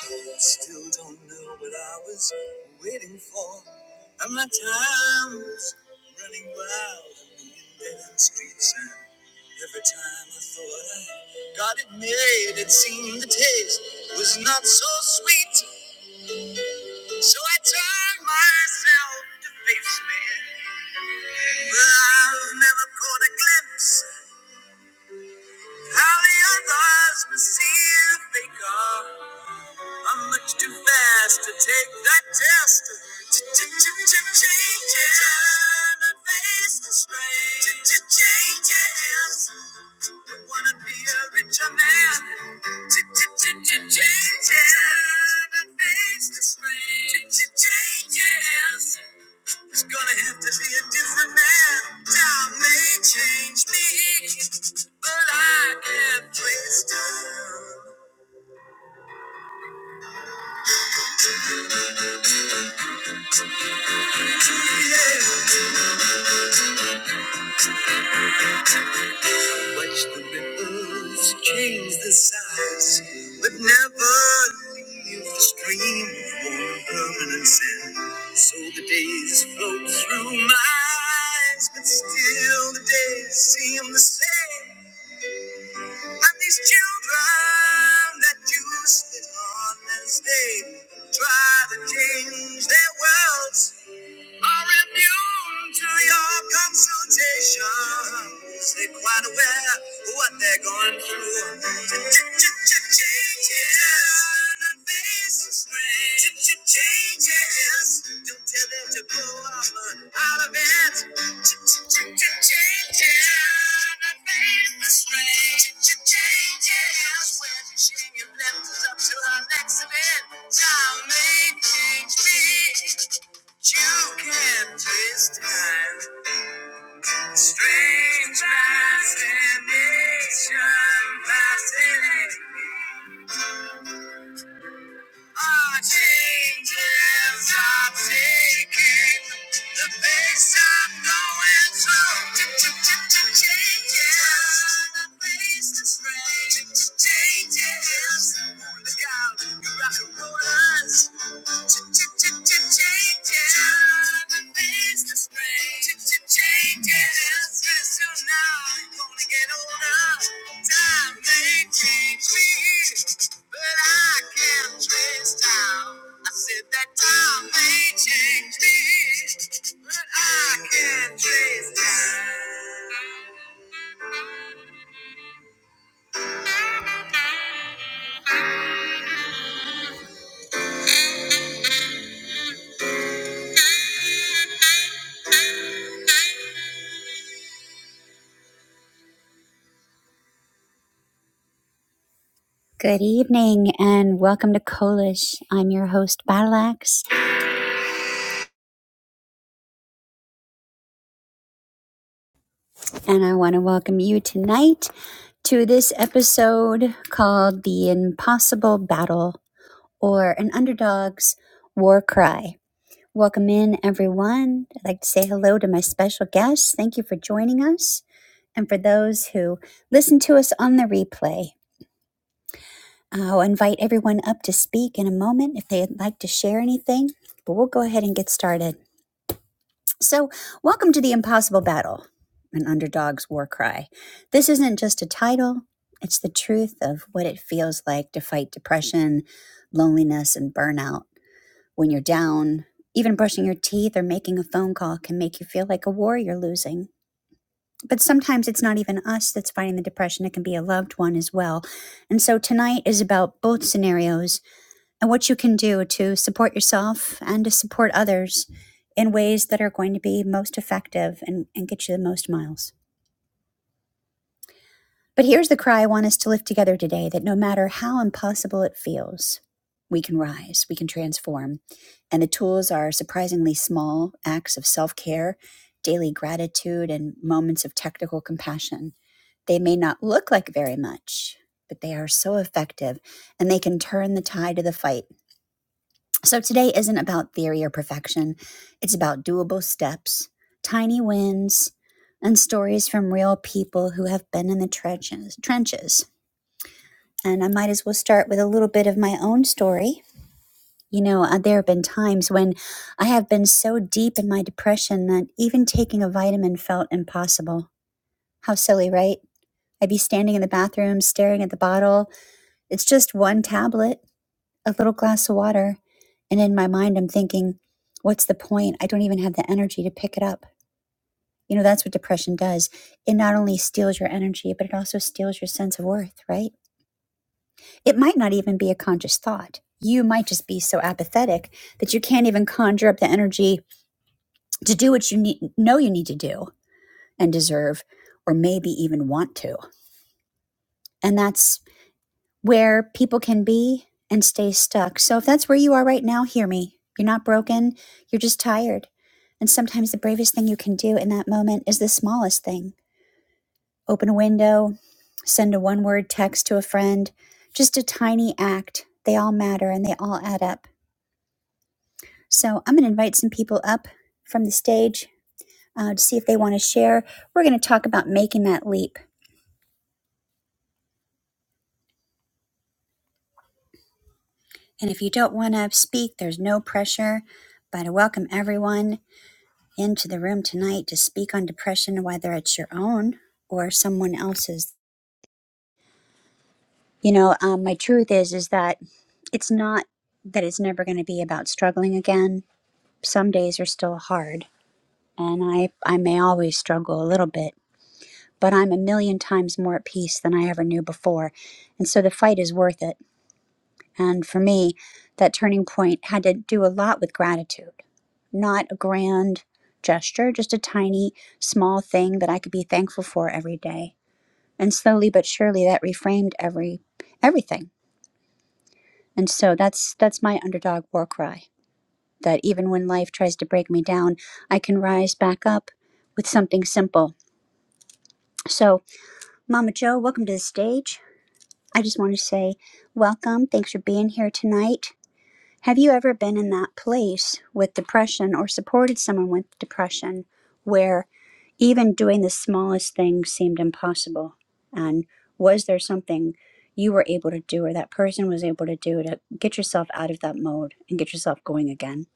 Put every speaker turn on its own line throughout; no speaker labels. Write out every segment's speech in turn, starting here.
Still don't know what I was waiting for. And my time was running wild in dead end streets. And every time I thought I got it made, it seemed the taste was not so sweet. So I turned myself to face me. But I've never caught a glimpse how the others must see the faker. I'm much too fast to take that test. Ch-ch-ch-ch-changes. Turn and face the strain. Ch-ch-changes. Wanna be a richer man. Ch-ch-ch-ch-changes. Turn and face the strain. Ch-ch-changes. It's gonna have to be a different man. Time may change me, but I can't twist time. Yeah. Watch the ripples change the size, but never leave the stream of warm permanent sand. So the days float through my eyes, but still the days seem the same. And these children that you sit on as they try to change their worlds are immune to your consultations. They're quite aware of what they're going through. Ch-ch-ch-changes. Turn and face the strain. Ch-ch-changes. Don't tell them to go up out of it. Ch-ch-ch-changes. Turn and face the strain. Ch-ch-changes. When she left us up to our next event, shall make change be. You can twist time. Strange fascination, fascinating. Our changes are taking the pace I'm going through. Changes, the pace is strange. Changes, look out, you're rock and rollers. Changes. Good evening and welcome to Kolish. I'm your host, Battleaxe, and I want to welcome you tonight to this episode called The Impossible Battle or An Underdog's War Cry. Welcome in, everyone. I'd like to say hello to my special guests. Thank you for joining us and for those who listen to us on the replay. I'll invite everyone up to speak in a moment if they'd like to share anything, but we'll go ahead and get started. So, welcome to The Impossible Battle, an underdog's war cry. This isn't just a title, it's the truth of what it feels like to fight depression, loneliness, and burnout. When you're down, even brushing your teeth or making a phone call can make you feel like a war you're losing. But sometimes it's not even us that's fighting the depression, it can be a loved one as well. And so, tonight is about both scenarios and what you can do to support yourself and to support others in ways that are going to be most effective and, and get you the most miles. But here's the cry I want us to lift together today that no matter how impossible it feels, we can rise, we can transform. And the tools are surprisingly small acts of self care, daily gratitude, and moments of technical compassion. They may not look like very much, but they are so effective and they can turn the tide of the fight So today isn't about theory or perfection. It's about doable steps, tiny wins, and stories from real people who have been in the trenches. trenches. And I might as well start with a little bit of my own story. You know, uh, there have been times when I have been so deep in my depression that even taking a vitamin felt impossible. How silly, right? I'd be standing in the bathroom staring at the bottle. It's just one tablet. a little glass of water. And in my mind, I'm thinking, what's the point? I don't even have the energy to pick it up. You know, that's what depression does. It not only steals your energy, but it also steals your sense of worth, right? It might not even be a conscious thought. You might just be so apathetic that you can't even conjure up the energy to do what you need, know you need to do and deserve, or maybe even want to. And that's where people can be and stay stuck. So if that's where you are right now, hear me. You're not broken, you're just tired. And sometimes the bravest thing you can do in that moment is the smallest thing open a window, send a one word text to a friend, just a tiny act. They all matter and they all add up. So I'm going to invite some people up from the stage uh, to see if they want to share. We're going to talk about making that leap. And if you don't want to speak, there's no pressure, but I welcome everyone. into the room tonight to speak on depression, whether it's your own or someone else's. You know, um, my truth is is that it's not that it's never going to be about struggling again. Some days are still hard, and I I may always struggle a little bit, but I'm a million times more at peace than I ever knew before, and so the fight is worth it And for me, that turning point had to do a lot with gratitude, not a grand gesture, just a tiny, small thing that I could be thankful for every day. And slowly but surely, that reframed every everything. And so that's that's my underdog war cry. That even when life tries to break me down, I can rise back up with something simple. So, Mama Joe, welcome to the stage. I just want to say welcome. Thanks for being here tonight. Have you ever been in that place with depression or supported someone with depression where even doing the smallest thing seemed impossible? And was there something you were able to do or that person was able to do to get yourself out of that mode and get yourself going again?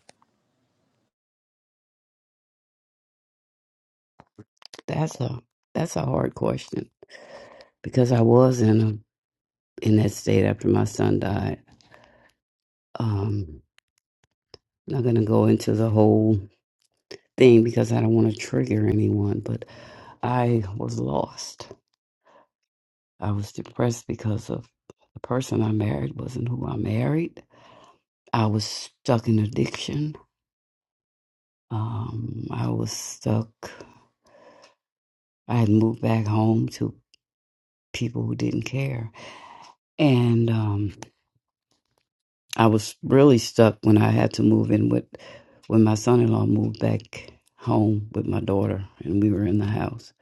That's a that's a hard question because I was in a in that state after my son died. Um, not gonna go into the whole thing because I don't want to trigger anyone, but I was lost. I was depressed because of the person I married wasn't who I married. I was stuck in addiction. Um, I was stuck. I had moved back home to people who didn't care, and um, I was really stuck when I had to move in with when my son-in-law moved back home with my daughter and we were in the house.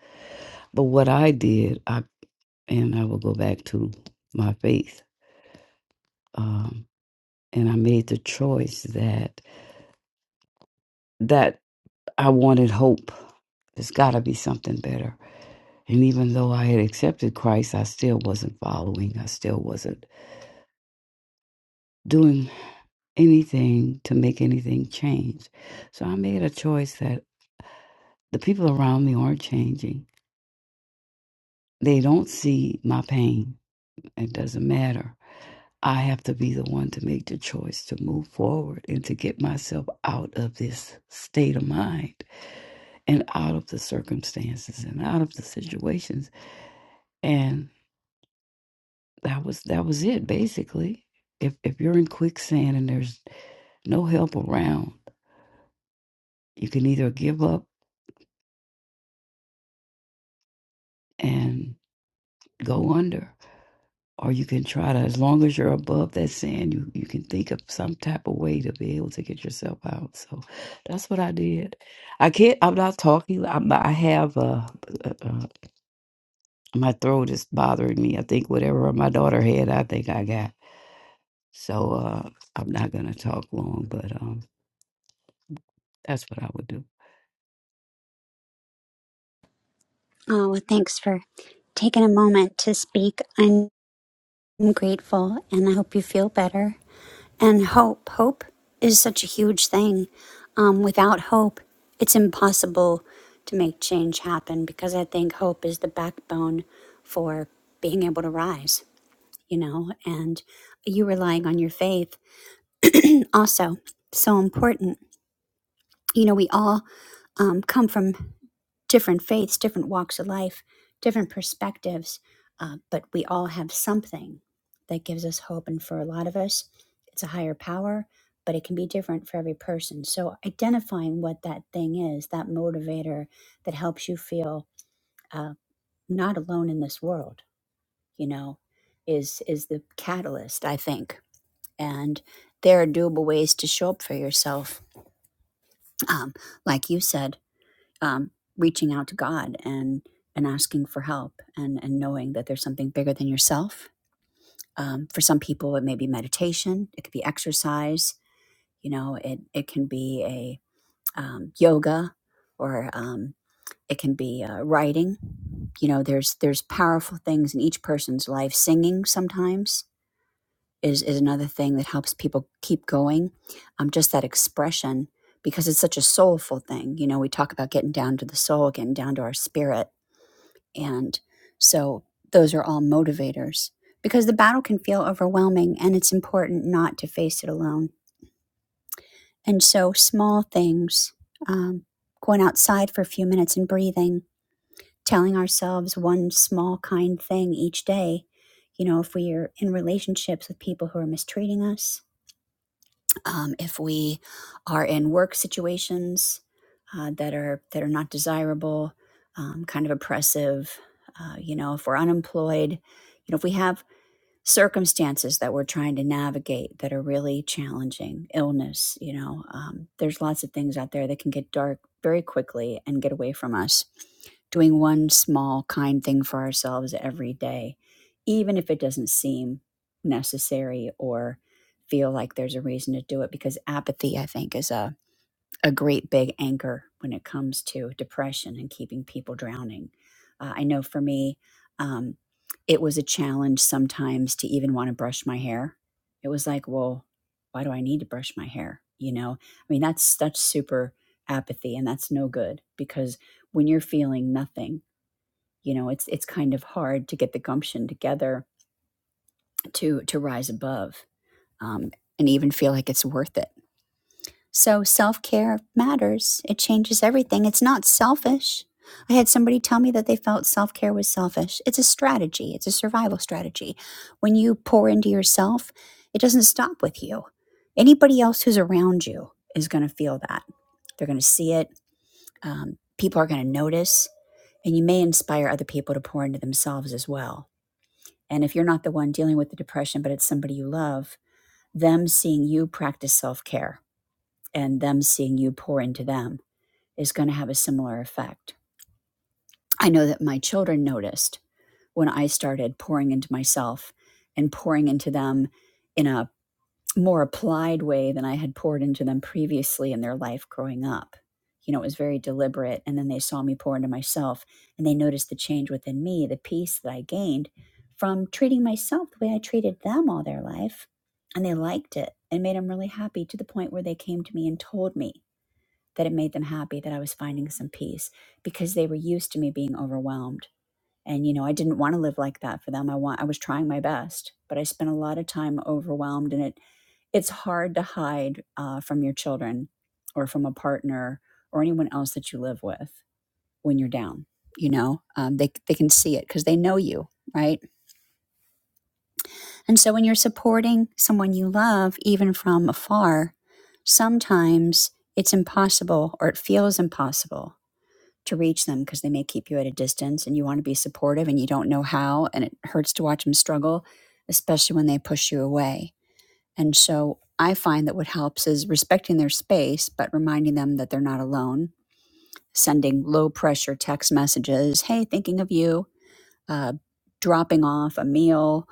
But what I did, I and I will go back to my faith. Um, and I made the choice that that I wanted hope. There's got to be something better. And even though I had accepted Christ, I still wasn't following. I still wasn't doing anything to make anything change. So I made a choice that The people around me aren't changing. They don't see my pain. It doesn't matter. I have to be the one to make the choice to move forward and to get myself out of this state of mind and out of the circumstances and out of the situations. And that was that was it basically. If if you're in quicksand and there's no help around, you can either give up and go under or you can try to as long as you're above that sand you, you can think of some type of way to be able to get yourself out so that's what i did i can't i'm not talking I'm, i have uh, uh, uh my throat is bothering me i think whatever my daughter had i think i got so uh i'm not gonna talk long but um that's what i would do
Oh, well, thanks for taking a moment to speak. I'm grateful and I hope you feel better. And hope, hope is such a huge thing. Um, without hope, it's impossible to make change happen because I think hope is the backbone for being able to rise, you know, and you relying on your faith. And also, so important, you know, we all um, come from different faiths, different walks of life, different perspectives, uh, but we all have something that gives us hope. And for a lot of us, it's a higher power, but it can be different for every person. So identifying what that thing is, that motivator that helps you feel uh, not alone in this world, you know, is is the catalyst, I think. And there are doable ways to show up for yourself. Um, like you said, um, reaching out to God and and asking for help and and knowing that there's something bigger than yourself. Um, for some people, it may be meditation. It could be exercise. You know, it it can be a um, yoga, or um, it can be uh, writing. You know, there's there's powerful things in each person's life. Singing sometimes is is another thing that helps people keep going. Um, just that expression because it's such a soulful thing. You know, we talk about getting down to the soul, getting down to our spirit and so those are all motivators because the battle can feel overwhelming and it's important not to face it alone. And so small things, um, going outside for a few minutes and breathing, telling ourselves one small kind thing each day. You know, if we are in relationships with people who are mistreating us, um, if we are in work situations uh, that are that are not desirable, um, kind of oppressive, uh, you know, if we're unemployed, you know, if we have circumstances that we're trying to navigate that are really challenging illness you know um, there's lots of things out there that can get dark very quickly and get away from us doing one small kind thing for ourselves every day even if it doesn't seem necessary or feel like there's a reason to do it because apathy i think is a a great big anchor when it comes to depression and keeping people drowning. Uh, I know for me, um, it was a challenge sometimes to even want to brush my hair. It was like, well, why do I need to brush my hair? You know, I mean, that's that's super apathy, and that's no good because when you're feeling nothing, you know, it's it's kind of hard to get the gumption together to to rise above um, and even feel like it's worth it so self care matters. It changes everything. It's not selfish. I had somebody tell me that they felt self care was selfish. It's a strategy, it's a survival strategy. When you pour into yourself, it doesn't stop with you. Anybody else who's around you is going to feel that. They're going to see it. Um, people are going to notice, and you may inspire other people to pour into themselves as well. And if you're not the one dealing with the depression, but it's somebody you love, them seeing you practice self care and them seeing you pour into them is going to have a similar effect. I know that my children noticed when I started pouring into myself and pouring into them in a more applied way than I had poured into them previously in their life growing up. You know, it was very deliberate. And then they saw me pour into myself and they noticed the change within me, the peace that I gained from treating myself the way I treated them all their life. And they liked it and made them really happy to the point where they came to me and told me that it made them happy that I was finding some peace because they were used to me being overwhelmed. And you know, I didn't want to live like that for them. I want I was trying my best, but I spent a lot of time overwhelmed, and it it's hard to hide uh, from your children or from a partner or anyone else that you live with when you're down. You know, um, they they can see it because they know you, right? And so when you're supporting someone you love, even from afar, sometimes it's impossible or it feels impossible to reach them because they may keep you at a distance and you want to be supportive and you don't know how and it hurts to watch them struggle especially when they push you away and so i find that what helps is respecting their space but reminding them that they're not alone sending low pressure text messages hey thinking of you uh, dropping off a meal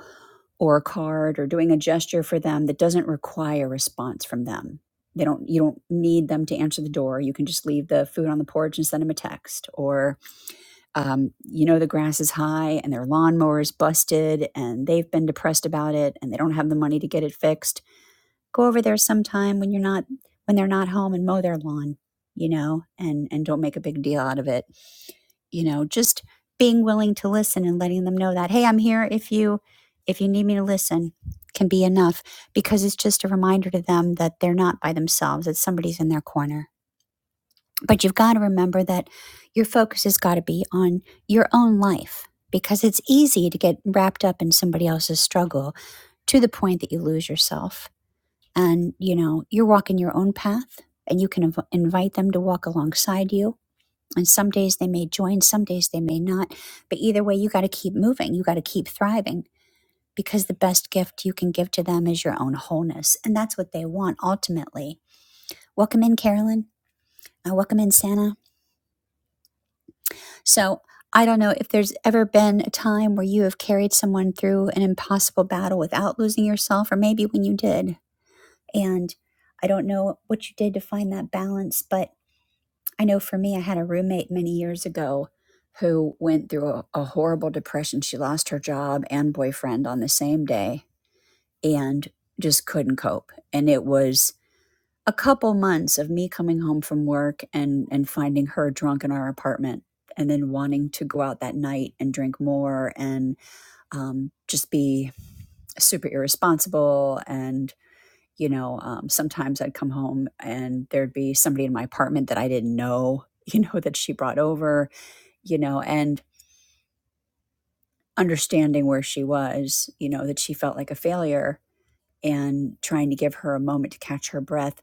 or a card or doing a gesture for them that doesn't require response from them they don't you don't need them to answer the door you can just leave the food on the porch and send them a text or um, you know the grass is high and their lawnmower is busted and they've been depressed about it and they don't have the money to get it fixed go over there sometime when you're not when they're not home and mow their lawn you know and and don't make a big deal out of it you know just being willing to listen and letting them know that hey i'm here if you if you need me to listen can be enough because it's just a reminder to them that they're not by themselves that somebody's in their corner but you've got to remember that your focus has got to be on your own life because it's easy to get wrapped up in somebody else's struggle to the point that you lose yourself. And, you know, you're walking your own path and you can inv- invite them to walk alongside you. And some days they may join, some days they may not. But either way, you got to keep moving, you got to keep thriving because the best gift you can give to them is your own wholeness. And that's what they want ultimately. Welcome in, Carolyn. Uh, welcome in, Santa. So I don't know if there's ever been a time where you have carried someone through an impossible battle without losing yourself, or maybe when you did. And I don't know what you did to find that balance, but I know for me, I had a roommate many years ago who went through a, a horrible depression. She lost her job and boyfriend on the same day and just couldn't cope. And it was a couple months of me coming home from work and and finding her drunk in our apartment and then wanting to go out that night and drink more and um, just be super irresponsible and you know um, sometimes i'd come home and there'd be somebody in my apartment that i didn't know you know that she brought over you know and understanding where she was you know that she felt like a failure and trying to give her a moment to catch her breath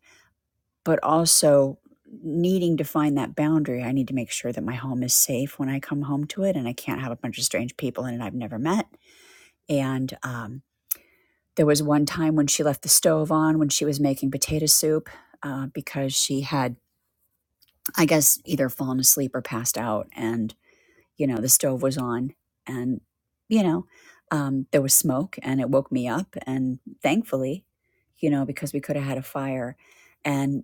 but also needing to find that boundary. I need to make sure that my home is safe when I come home to it, and I can't have a bunch of strange people in it I've never met. And um, there was one time when she left the stove on when she was making potato soup uh, because she had, I guess, either fallen asleep or passed out, and you know the stove was on, and you know um, there was smoke, and it woke me up, and thankfully, you know, because we could have had a fire. And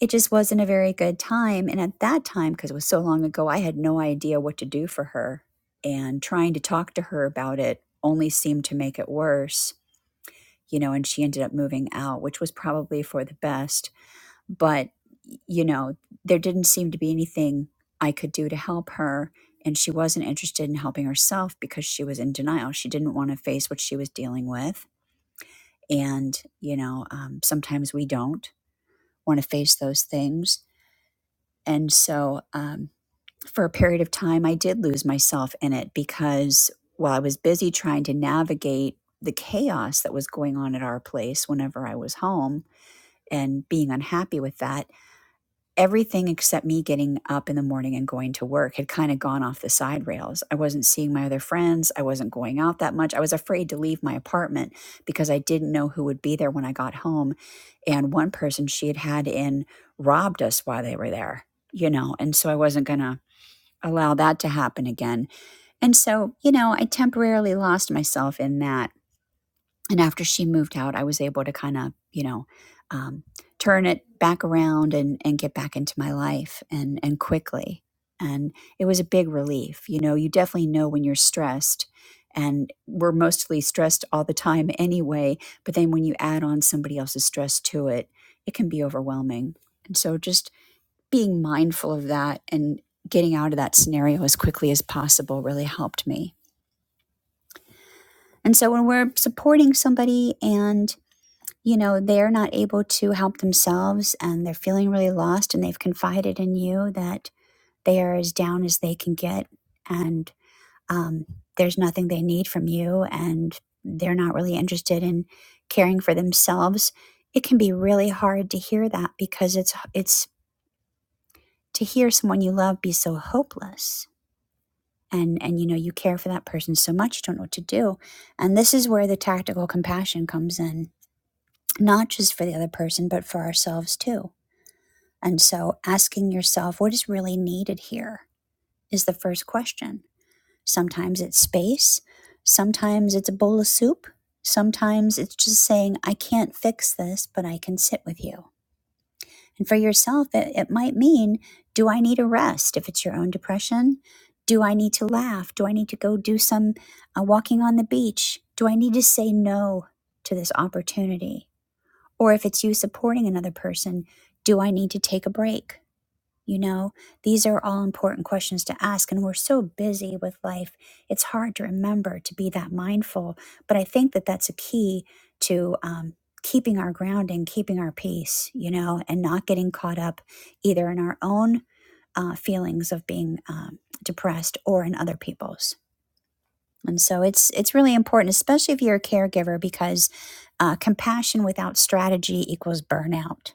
it just wasn't a very good time. And at that time, because it was so long ago, I had no idea what to do for her. And trying to talk to her about it only seemed to make it worse, you know, and she ended up moving out, which was probably for the best. But, you know, there didn't seem to be anything I could do to help her. And she wasn't interested in helping herself because she was in denial. She didn't want to face what she was dealing with. And, you know, um, sometimes we don't want to face those things And so um, for a period of time, I did lose myself in it because while I was busy trying to navigate the chaos that was going on at our place whenever I was home and being unhappy with that, everything except me getting up in the morning and going to work had kind of gone off the side rails. I wasn't seeing my other friends. I wasn't going out that much. I was afraid to leave my apartment because I didn't know who would be there when I got home. And one person she had had in robbed us while they were there, you know, and so I wasn't going to allow that to happen again. And so, you know, I temporarily lost myself in that and after she moved out i was able to kind of you know um, turn it back around and and get back into my life and and quickly and it was a big relief you know you definitely know when you're stressed and we're mostly stressed all the time anyway but then when you add on somebody else's stress to it it can be overwhelming and so just being mindful of that and getting out of that scenario as quickly as possible really helped me and so when we're supporting somebody and you know, they're not able to help themselves and they're feeling really lost and they've confided in you that they are as down as they can get and um, there's nothing they need from you and they're not really interested in caring for themselves it can be really hard to hear that because it's it's to hear someone you love be so hopeless and and you know you care for that person so much you don't know what to do and this is where the tactical compassion comes in not just for the other person but for ourselves too And so asking yourself, what is really needed here is the first question. Sometimes it's space, sometimes it's a bowl of soup, sometimes it's just saying, I can't fix this, but I can sit with you. And for yourself, it, it might mean, do I need a rest if it's your own depression? Do I need to laugh? Do I need to go do some uh, walking on the beach? Do I need to say no to this opportunity? Or if it's you supporting another person, do I need to take a break? You know, these are all important questions to ask. And we're so busy with life, it's hard to remember to be that mindful. But I think that that's a key to um, keeping our grounding, keeping our peace, you know, and not getting caught up either in our own uh, feelings of being um, depressed or in other people's. And so it's it's really important, especially if you're a caregiver, because uh, compassion without strategy equals burnout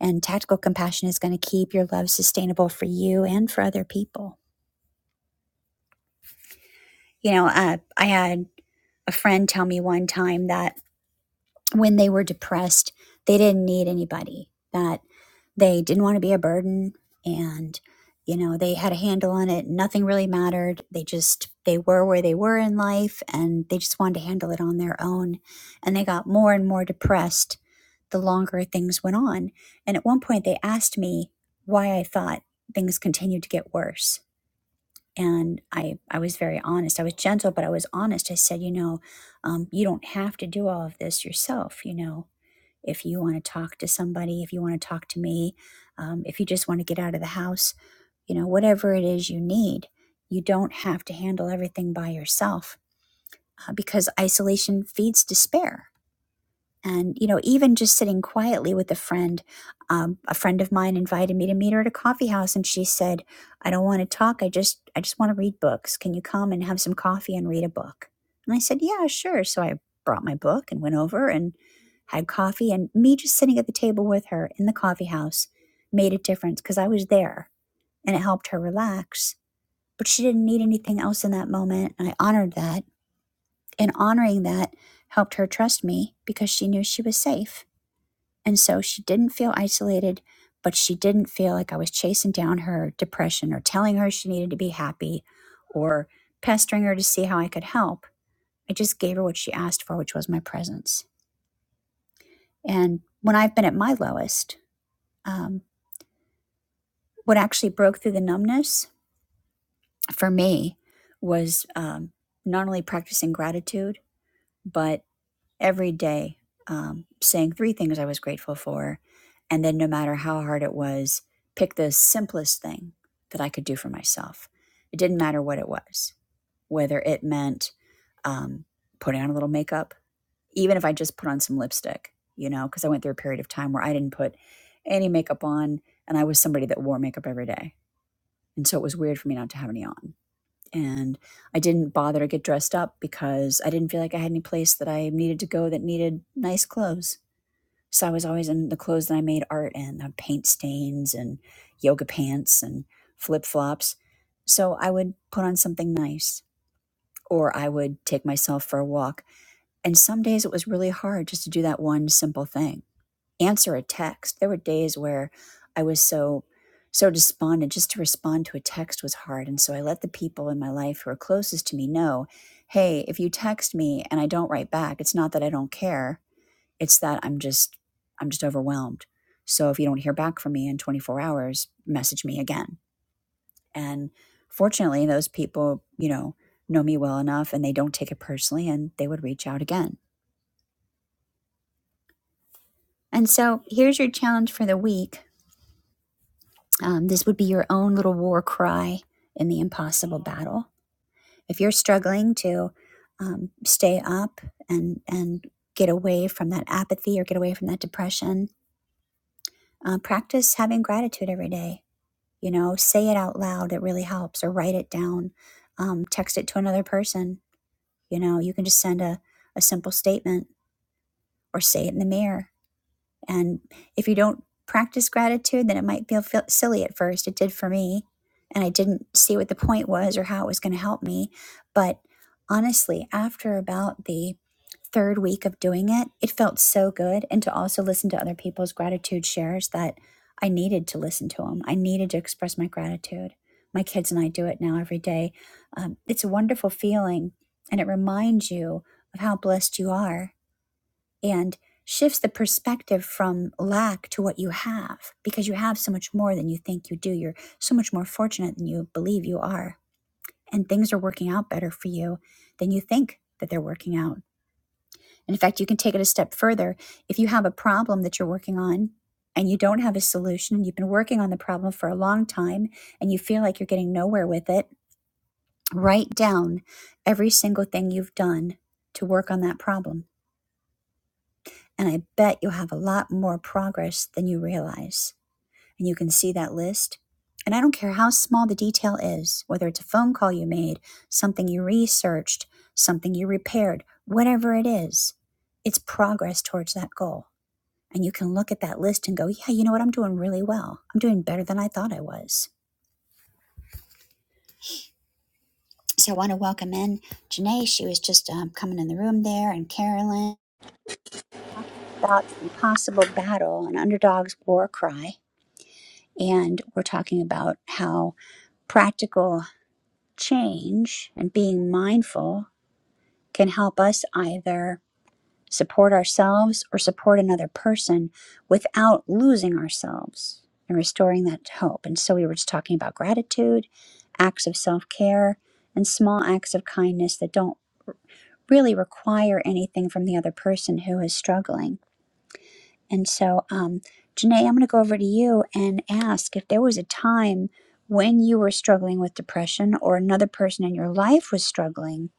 and tactical compassion is going to keep your love sustainable for you and for other people. You know, uh, I had a friend tell me one time that when they were depressed, they didn't need anybody, that they didn't want to be a burden and you know, they had a handle on it. Nothing really mattered. They just they were where they were in life and they just wanted to handle it on their own. And they got more and more depressed the longer things went on. And at one point they asked me why I thought things continued to get worse. And I I was very honest. I was gentle, but I was honest. I said, you know, um, you don't have to do all of this yourself, you know if you want to talk to somebody, if you want to talk to me, um, if you just want to get out of the house, you know, whatever it is you need, you don't have to handle everything by yourself uh, because isolation feeds despair and you know even just sitting quietly with a friend um, a friend of mine invited me to meet her at a coffee house and she said i don't want to talk i just i just want to read books can you come and have some coffee and read a book and i said yeah sure so i brought my book and went over and had coffee and me just sitting at the table with her in the coffee house made a difference because i was there and it helped her relax but she didn't need anything else in that moment and i honored that and honoring that helped her trust me because she knew she was safe and so she didn't feel isolated, but she didn't feel like I was chasing down her depression or telling her she needed to be happy or pestering her to see how I could help. I just gave her what she asked for, which was my presence. And when I've been at my lowest, um, what actually broke through the numbness for me was um, not only practicing gratitude, but every day um, saying three things I was grateful for. And then, no matter how hard it was, pick the simplest thing that I could do for myself. It didn't matter what it was, whether it meant um, putting on a little makeup, even if I just put on some lipstick, you know, because I went through a period of time where I didn't put any makeup on and I was somebody that wore makeup every day. And so it was weird for me not to have any on and I didn't bother to get dressed up because I didn't feel like I had any place that I needed to go that needed nice clothes. So I was always in the clothes that I made art in, uh, paint stains and yoga pants and flip flops. So I would put on something nice or I would take myself for a walk. And some days it was really hard just to do that one simple thing answer a text. There were days where I was so so despondent just to respond to a text was hard and so I let the people in my life who are closest to me know, "Hey, if you text me and I don't write back, it's not that I don't care. It's that I'm just I'm just overwhelmed. So if you don't hear back from me in 24 hours, message me again." And fortunately, those people, you know, know me well enough and they don't take it personally and they would reach out again. And so, here's your challenge for the week Um, this would be your own little war cry in the impossible battle. If you're struggling to um, stay up and and get away from that apathy or get away from that depression, uh, practice having gratitude every day. You know, say it out loud. It really helps. Or write it down. Um, text it to another person. You know, you can just send a, a simple statement or say it in the mirror And if you don't practice gratitude, then it might feel, silly at first. It did for me. And I didn't see what the point was or how it was going to help me. But honestly, after about the third week of doing it, it felt so good. And to also listen to other people's gratitude shares that I needed to listen to them, I needed to express my gratitude. My kids and I do it now every day. Um, it's a wonderful feeling. And it reminds you of how blessed you are and shifts the perspective from lack to what you have because you have so much more than you think you do. You're so much more fortunate than you believe you are. And things are working out better for you than you think that they're working out. And in fact, you can take it a step further. If you have a problem that you're working on and you don't have a solution, and you've been working on the problem for a long time and you feel like you're getting nowhere with it, write down every single thing you've done to work on that problem And I bet you'll have a lot more progress than you realize. And you can see that list. And I don't care how small the detail is, whether it's a phone call you made, something you researched, something you repaired, whatever it is, it's progress towards that goal. And you can look at that list and go, yeah, you know what? I'm doing really well. I'm doing better than I thought I was. So I want to welcome in Janae. She was just um, coming in the room there, and Carolyn talking about impossible battle an underdog's war cry. And we're talking about how practical change and being mindful can help us either support ourselves or support another person without losing ourselves and restoring that hope. And so we were just talking about gratitude, acts of self care, and small acts of kindness that don't really require anything from the other person who is struggling And so, um, Janae, I'm going to go over to you and ask if there was a time when you were struggling with depression or another person in your life was struggling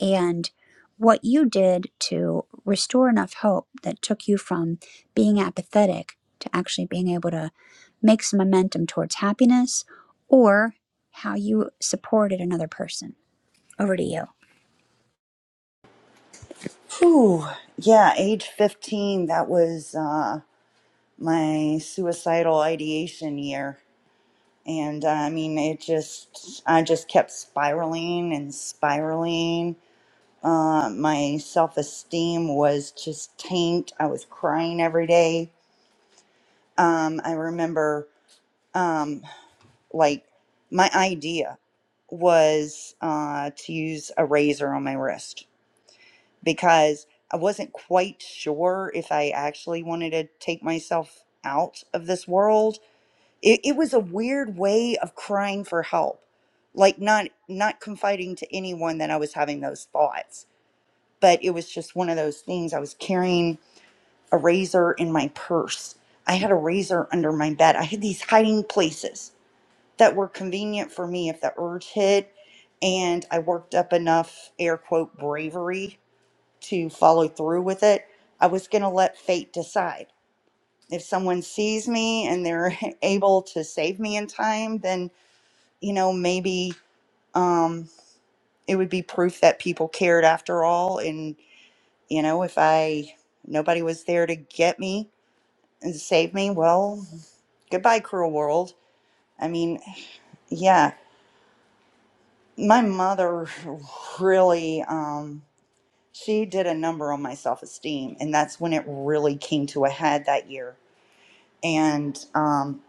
and what you did to restore enough hope that took you from being apathetic to actually being able to make some momentum towards happiness or how you supported another person. Over to you.
Whew. Yeah, age 15, that was uh, my suicidal ideation year. And uh, I mean, it just, I just kept spiraling and spiraling. Uh, my self esteem was just taint. I was crying every day. Um, I remember, um, like, my idea was uh, to use a razor on my wrist because I wasn't quite sure if I actually wanted to take myself out of this world. It, it was a weird way of crying for help, like not not confiding to anyone that I was having those thoughts, but it was just one of those things. I was carrying a razor in my purse. I had a razor under my bed. I had these hiding places that were convenient for me if the urge hit, and I worked up enough air quote bravery to follow through with it. I was going to let fate decide. If someone sees me and they're able to save me in time, then, you know, maybe um, it would be proof that people cared after all. And, you know, if I, nobody was there to get me and save me, well, goodbye, cruel world. I mean, yeah, my mother really, um, she did a number on my self esteem. And that's when it really came to a head that year and um,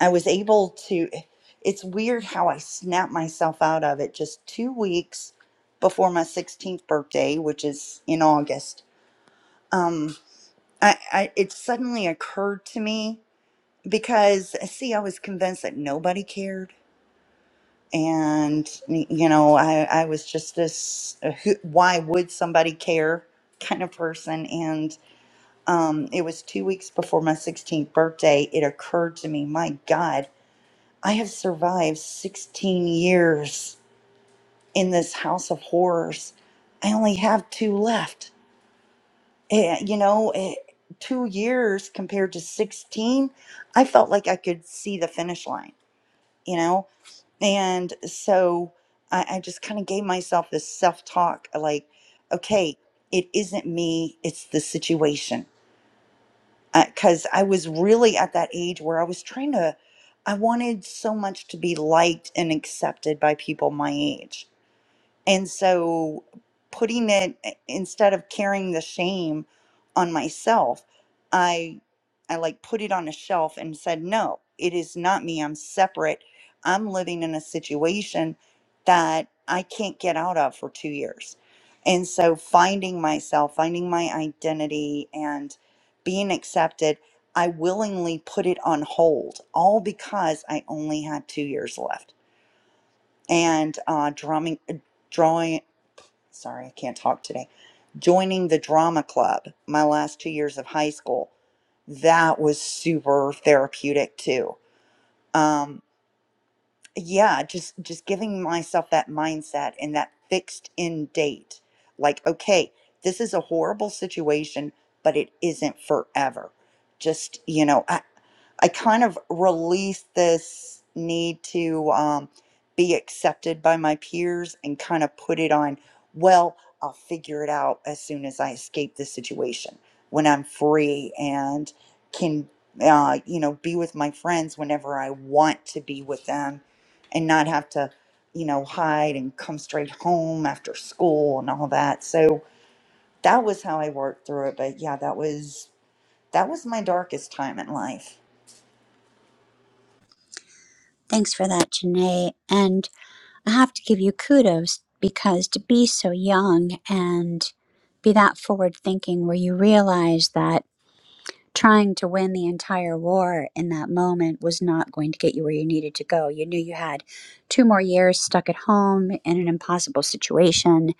I was able to. It's weird how I snapped myself out of it just two weeks before my 16th birthday, which is in August. Um, I, I it suddenly occurred to me because see, I was convinced that nobody cared, and y- you know, I I was just this uh, who, why would somebody care kind of person, and um, it was two weeks before my 16th birthday. It occurred to me, my God. I have survived 16 years in this house of horrors. I only have two left. Eh, you know, eh, two years compared to 16, I felt like I could see the finish line, you know? And so I, I just kind of gave myself this self talk like, okay, it isn't me, it's the situation because I was really at that age where I was trying to, I wanted so much to be liked and accepted by people my age and so putting it instead of carrying the shame on myself, I I like put it on a shelf and said, "No, it is not me. I'm separate. I'm living in a situation that I can't get out of for 2 years." And so finding myself, finding my identity and being accepted, I willingly put it on hold all because I only had 2 years left. And uh drawing drawing sorry, I can't talk today. Joining the drama club my last two years of high school. That was super therapeutic too. Um, yeah, just just giving myself that mindset and that fixed in date. Like, okay, this is a horrible situation, but it isn't forever. Just you know, I. I kind of released this need to um, be accepted by my peers and kind of put it on, well, I'll figure it out as soon as I escape this situation when I'm free and can, uh, you know, be with my friends whenever I want to be with them and not have to, you know, hide and come straight home after school and all that. So that was how I worked through it. But yeah, that was that was my darkest time in life.
Thanks for that, Janae. And I have to give you kudos because to be so young and be that forward thinking where you realize that trying to win the entire war in that moment was not going to get you where you needed to go. You knew you had two more years stuck at home in an impossible situation.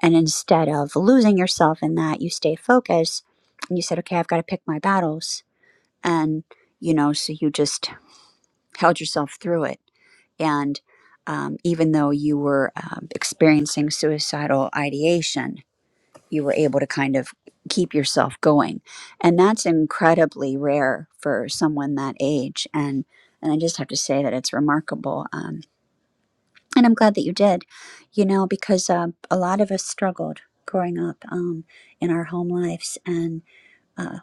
And instead of losing yourself in that, you stay focused and you said, okay, I've got to pick my battles. And, you know, so you just held yourself through it and um, even though you were um, experiencing suicidal ideation, you were able to kind of keep yourself going. And that's incredibly rare for someone that age. And, and I just have to say that it's remarkable. Um, and I'm glad that you did, you know, because uh, a lot of us struggled growing up um, in our home lives and uh,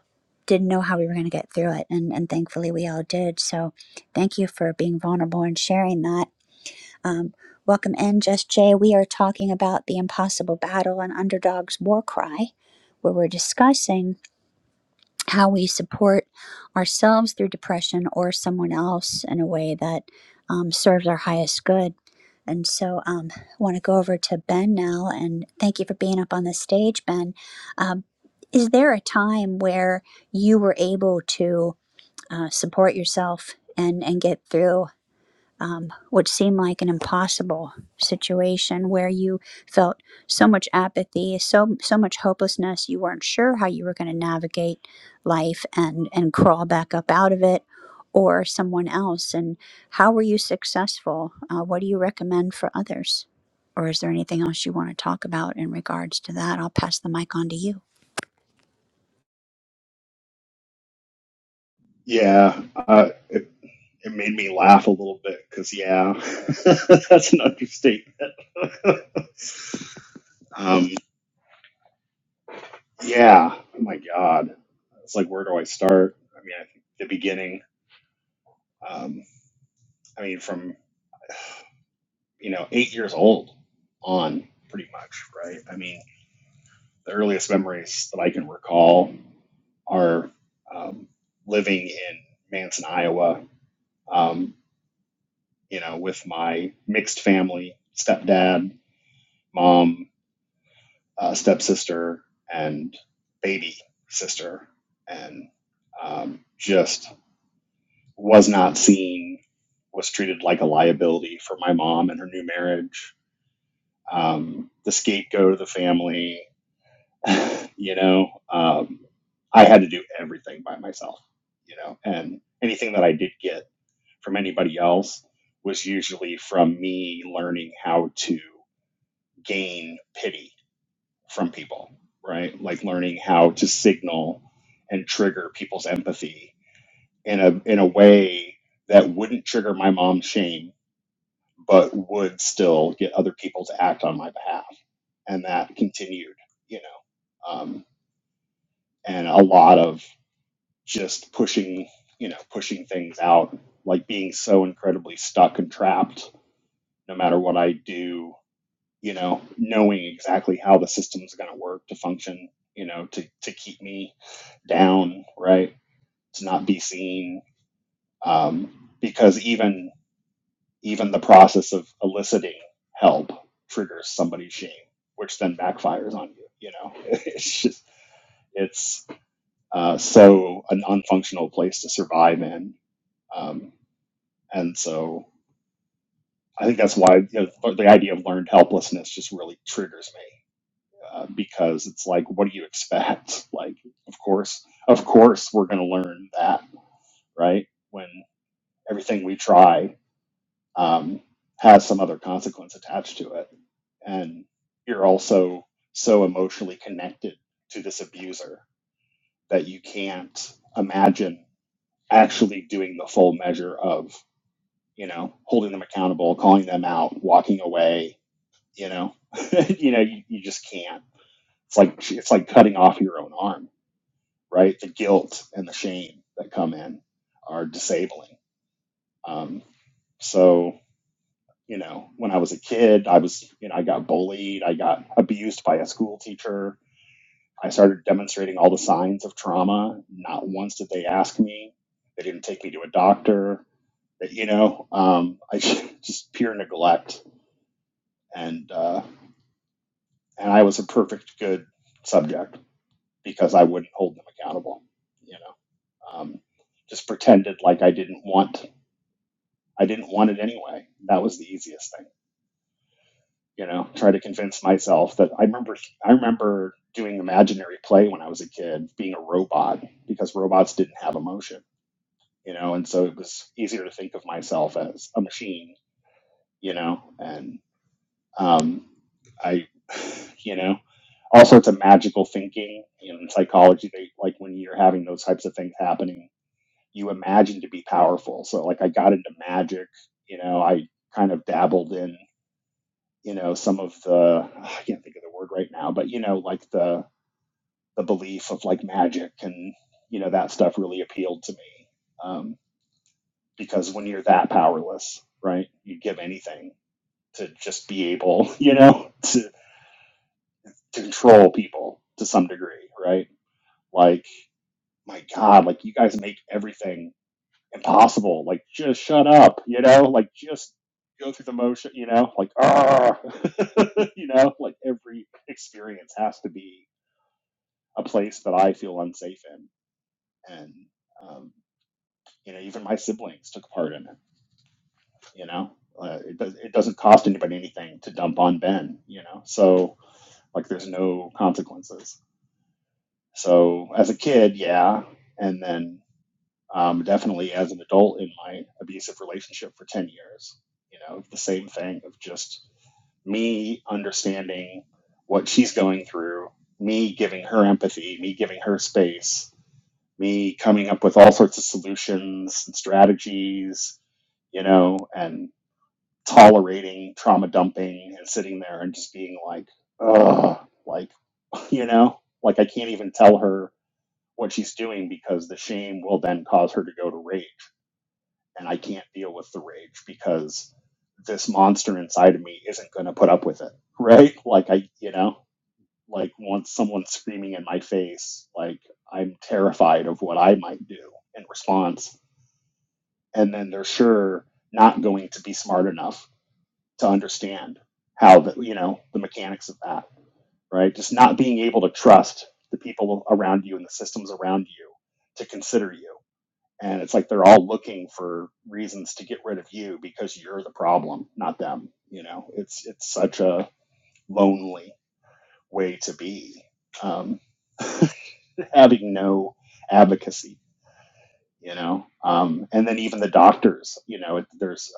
didn't know how we were going to get through it. And, and thankfully, we all did. So thank you for being vulnerable and sharing that um, welcome in, Just Jay. We are talking about the impossible battle and underdog's war cry, where we're discussing how we support ourselves through depression or someone else in a way that um, serves our highest good. And so um, I want to go over to Ben now and thank you for being up on the stage, Ben. Um, is there a time where you were able to uh, support yourself and, and get through? um, what seemed like an impossible situation where you felt so much apathy, so so much hopelessness. You weren't sure how you were going to navigate life and and crawl back up out of it, or someone else. And how were you successful? Uh, what do you recommend for others? Or is there anything else you want to talk about in regards to that? I'll pass the mic on to you.
Yeah, uh, it, it made me laugh a little bit because yeah, that's an understatement. Um, yeah, oh my God, it's like where do I start? I mean, I think the beginning. Um, I mean, from you know eight years old on, pretty much, right? I mean, the earliest memories that I can recall are um, living in Manson, Iowa. Um, you know, with my mixed family, stepdad, mom. uh, stepsister and baby sister, and um, just was not seen, was treated like a liability for my mom and her new marriage, um, the scapegoat of the family. you know, um, I had to do everything by myself, you know, and anything that I did get from anybody else was usually from me learning how to gain pity from people, right? Like learning how to signal and trigger people's empathy in a in a way that wouldn't trigger my mom's shame, but would still get other people to act on my behalf. And that continued, you know, um, and a lot of just pushing, you know, pushing things out, like being so incredibly stuck and trapped. No matter what I do, you know, knowing exactly how the system's going to work to function, you know, to, to keep me down, right? To not be seen. Um, because even, even the process of eliciting help triggers somebody's shame, which then backfires on you, you know, it's just, it's, uh, so an unfunctional place to survive in. Um, and so I think that's why you know, the the idea of learned helplessness just really triggers me uh, because it's like, what do you expect? Like, of course, of course, we're going to learn that, right? When everything we try um, has some other consequence attached to it, and you're also so emotionally connected to this abuser that you can't imagine actually doing the full measure of, you know, holding them accountable, calling them out, walking away, you know, you know, you, you just can't. It's like it's like cutting off your own arm right? The guilt and the shame that come in are disabling. Um, so, you know, when I was a kid, I was, you know, I got bullied, I got abused by a school teacher. I started demonstrating all the signs of trauma. Not once did they ask me. They didn't take me to a doctor. But, you know, um, I just pure neglect, and uh, and I was a perfect good subject because I wouldn't hold them accountable. You know, um, just pretended like I didn't want I didn't want it anyway. That was the easiest thing, you know, try to convince myself that I remember I remember doing imaginary play when I was a kid, being a robot because robots didn't have emotion, you know, and so it was easier to think of myself as a machine, you know, and um I you know, all sorts of magical thinking in psychology they like when you're having those types of things happening, you imagine to be powerful. So like I got into magic, you know, I kind of dabbled in you know some of the I can't think of the word right now, but you know like the the belief of like magic and you know that stuff really appealed to me um, because when you're that powerless, right, you give anything to just be able, you know, to, to control people to some degree, right? Like my God, like you guys make everything impossible. Like just shut up, you know, like just go through the motion, you know, like ah, you know, like every experience has to be a place that I feel unsafe in. And, um, you know, even my siblings took part in it, you know, uh, it, does, it doesn't cost anybody anything to dump on Ben, you know, so like there's no consequences. So as a kid, yeah. And then um, definitely as an adult in my abusive relationship for 10 years, you know, the same thing of just me understanding what she's going through, me giving her empathy, me giving her space, me coming up with all sorts of solutions and strategies, you know, and tolerating trauma dumping and sitting there and just being like, ugh, like, you know, like I can't even tell her what she's doing because the shame will then cause her to go to rage. And I can't deal with the rage because this monster inside of me isn't going to put up with it. Right. Like, I, you know, like once someone's screaming in my face, like I'm terrified of what I might do in response and then they're sure not going to be smart enough to understand how the you know the mechanics of that right just not being able to trust the people around you and the systems around you to consider you and it's like they're all looking for reasons to get rid of you because you're the problem not them you know it's it's such a lonely way to be um, having no advocacy you know um, and then even the doctors you know it, there's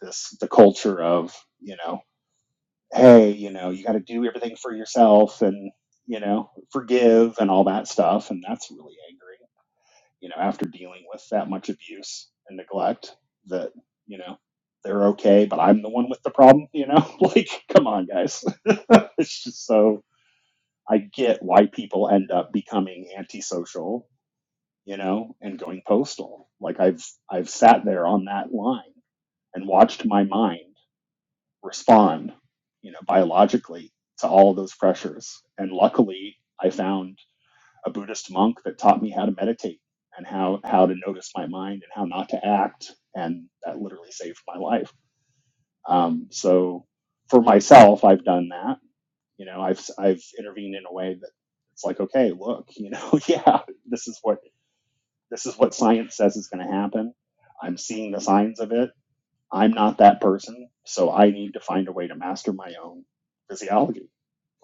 this the culture of you know hey you know you got to do everything for yourself and you know forgive and all that stuff and that's really angry you know after dealing with that much abuse and neglect that you know they're okay but i'm the one with the problem you know like come on guys it's just so i get why people end up becoming antisocial you know and going postal like i've i've sat there on that line and watched my mind respond, you know, biologically to all of those pressures. And luckily, I found a Buddhist monk that taught me how to meditate and how how to notice my mind and how not to act, and that literally saved my life. Um, so, for myself, I've done that. You know, I've I've intervened in a way that it's like, okay, look, you know, yeah, this is what this is what science says is going to happen. I'm seeing the signs of it I'm not that person, so I need to find a way to master my own physiology,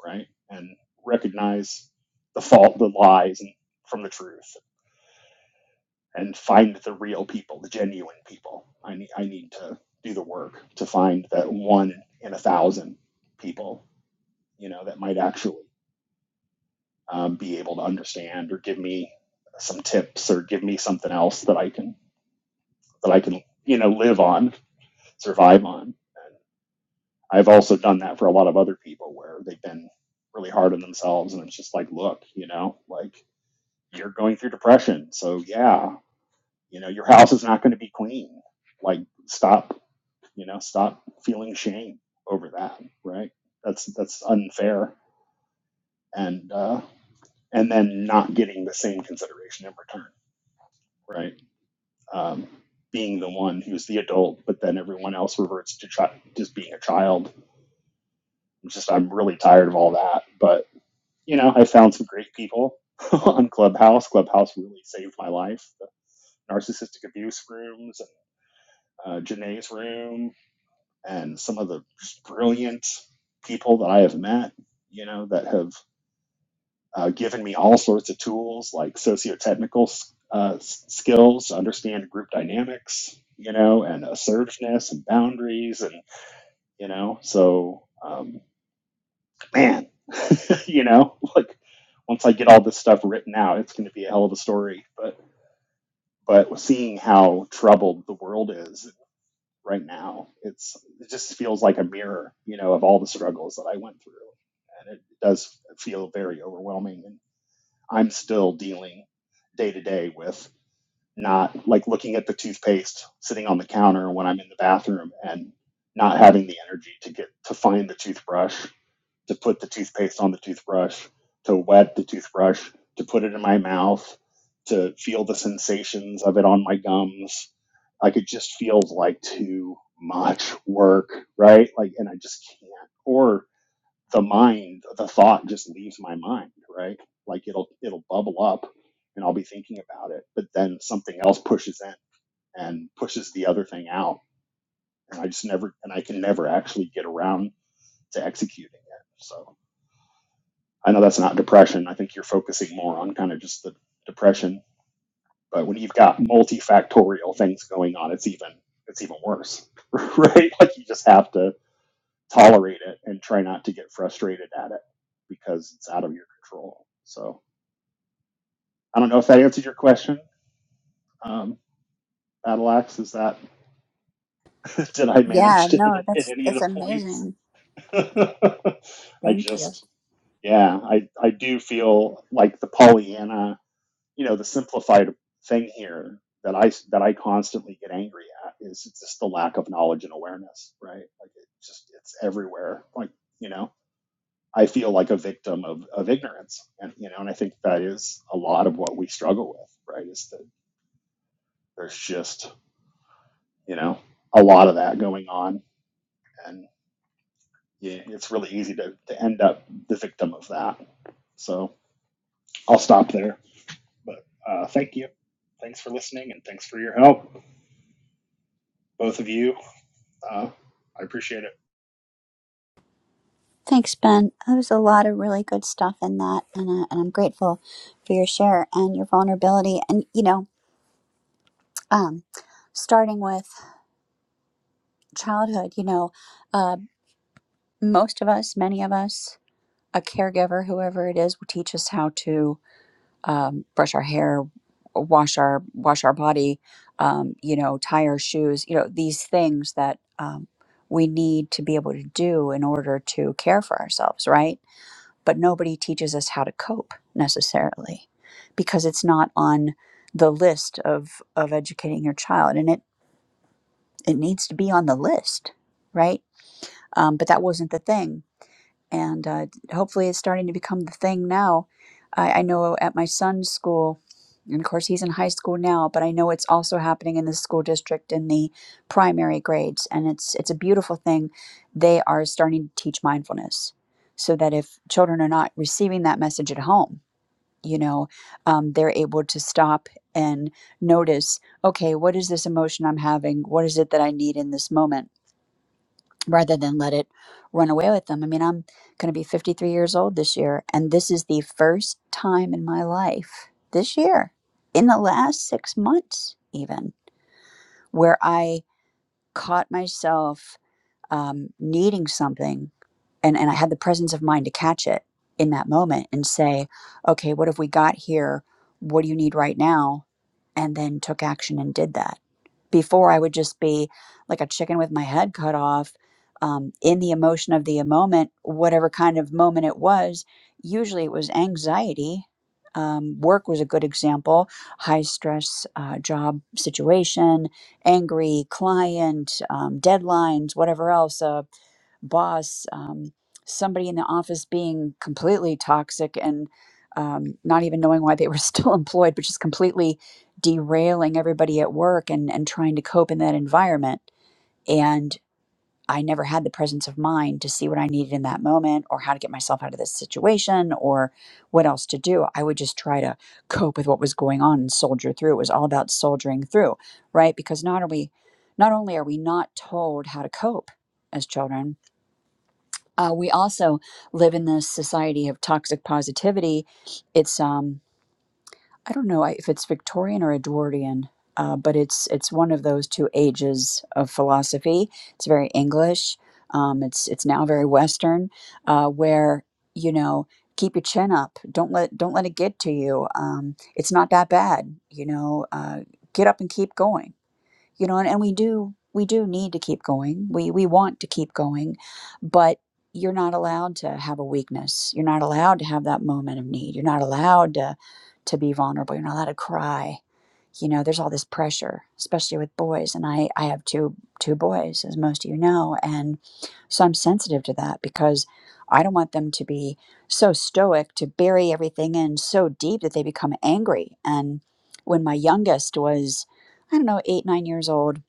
right? And recognize the fault, the lies and from the truth, and find the real people, the genuine people. I need I need to do the work to find that one in a thousand people, you know, that might actually um, be able to understand or give me some tips or give me something else that I can that I can you know live on, survive on. and I've also done that for a lot of other people where they've been really hard on themselves and it's just like, look, you know, like you're going through depression. So yeah, you know, your house is not going to be clean. Like stop, you know, stop feeling shame over that, right? That's that's unfair and uh and then not getting the same consideration in return, right? Um being the one who's the adult, but then everyone else reverts to chi- just being a child. It's just I'm really tired of all that, but you know, I found some great people on Clubhouse. Clubhouse really saved my life. The narcissistic abuse rooms, uh, Janae's room, and some of the brilliant people that I have met, you know, that have uh, given me all sorts of tools like sociotechnical uh, s- skills to understand group dynamics, you know, and assertiveness and boundaries. And, you know, so, um, man, you know, like once I get all this stuff written out, it's going to be a hell of a story. But But seeing how troubled the world is right now, it's it just feels like a mirror, you know, of all the struggles that I went through, and it does feel very overwhelming. And I'm still dealing day to day with not like looking at the toothpaste sitting on the counter when I'm in the bathroom and not having the energy to get to find the toothbrush to put the toothpaste on the toothbrush, to wet the toothbrush, to put it in my mouth, to feel the sensations of it on my gums. Like it just feels like too much work, right? Like, and I just can't. Or the mind, the thought just leaves my mind, right? Like it'll it'll bubble up, and I'll be thinking about it, but then something else pushes in and pushes the other thing out, and I just never, and I can never actually get around to executing it. So. I know that's not depression. I think you're focusing more on kind of just the depression. But when you've got multifactorial things going on, it's even it's even worse, right? Like you just have to tolerate it and try not to get frustrated at it because it's out of your control. So I don't know if that answered your question. Um, Battle Axe, is that did I
Yeah,
manage to hit,
no,
hit
that's
any of
that's
the points?
amazing.
I
Thank you.
just yeah, I I do feel like the Pollyanna you know the simplified thing here that I that I constantly get angry at is just the lack of knowledge and awareness, right? Like it just it's everywhere. Like you know, I feel like a victim of of ignorance, and you know, and I think that is a lot of what we struggle with, right? Is that there's just you know a lot of that going on, and yeah, it's really easy to to end up the victim of that. So I'll stop there, but uh, thank you. Thanks for listening and thanks for your help, both of you Uh, I appreciate it.
Thanks, Ben. There was a lot of really good stuff in that, and, uh, and I'm grateful for your share and your vulnerability. And you know, um, starting with childhood, you know, uh, most of us, many of us, a caregiver, whoever it is, will teach us how to um, brush our hair, wash our wash our body, um, you know, tie our shoes, you know, these things that um, we need to be able to do in order to care for ourselves, right? but nobody teaches us how to cope necessarily because it's not on the list of of educating your child and it it needs to be on the list right um, but that wasn't the thing and uh, hopefully it's starting to become the thing now. I, I know at my son's school, and of course he's in high school now, but I know it's also happening in the school district in the primary grades, and it's it's a beautiful thing. They are starting to teach mindfulness, so that if children are not receiving that message at home, you know, um, they're able to stop and notice. Okay, what is this emotion I'm having? What is it that I need in this moment? rather than let it run away with them. I mean, I'm going to be 53 years old this year, and this is the first time in my life this year, in the last six months even, where I caught myself um, needing something and, and I had the presence of mind to catch it in that moment and say, okay, what have we got here? What do you need right now? And then took action and did that. Before I would just be like a chicken with my head cut off um, in the emotion of the moment, whatever kind of moment it was. Usually it was anxiety. Um, work was a good example, high stress uh, job situation angry client, um, deadlines, whatever else, a boss, um, somebody in the office being completely toxic and um, not even knowing why they were still employed, but just completely derailing everybody at work and, and trying to cope in that environment. and. I never had the presence of mind to see what I needed in that moment or how to get myself out of this situation or what else to do. I would just try to cope with what was going on and soldier through. It was all about soldiering through, right? Because not are we not only are we not told how to cope as children, uh, we also live in this society of toxic positivity. It's um I don't know if it's Victorian or Edwardian, uh, but it's it's one of those two ages of philosophy. It's very English. Um, it's it's now very Western, uh, where you know keep your chin up. Don't let don't let it get to you. Um, it's not that bad. You know, uh, get up and keep going you know and, and we do we do need to keep going we we want to keep going but you're not allowed to have a weakness you're not allowed to have that moment of need you're not allowed to to be vulnerable you're not allowed to cry you know there's all this pressure especially with boys and i i have two two boys as most of you know and so i'm sensitive to that because i don't want them to be so stoic to bury everything in so deep that they become angry and when my youngest was I don't know, eight, nine years old.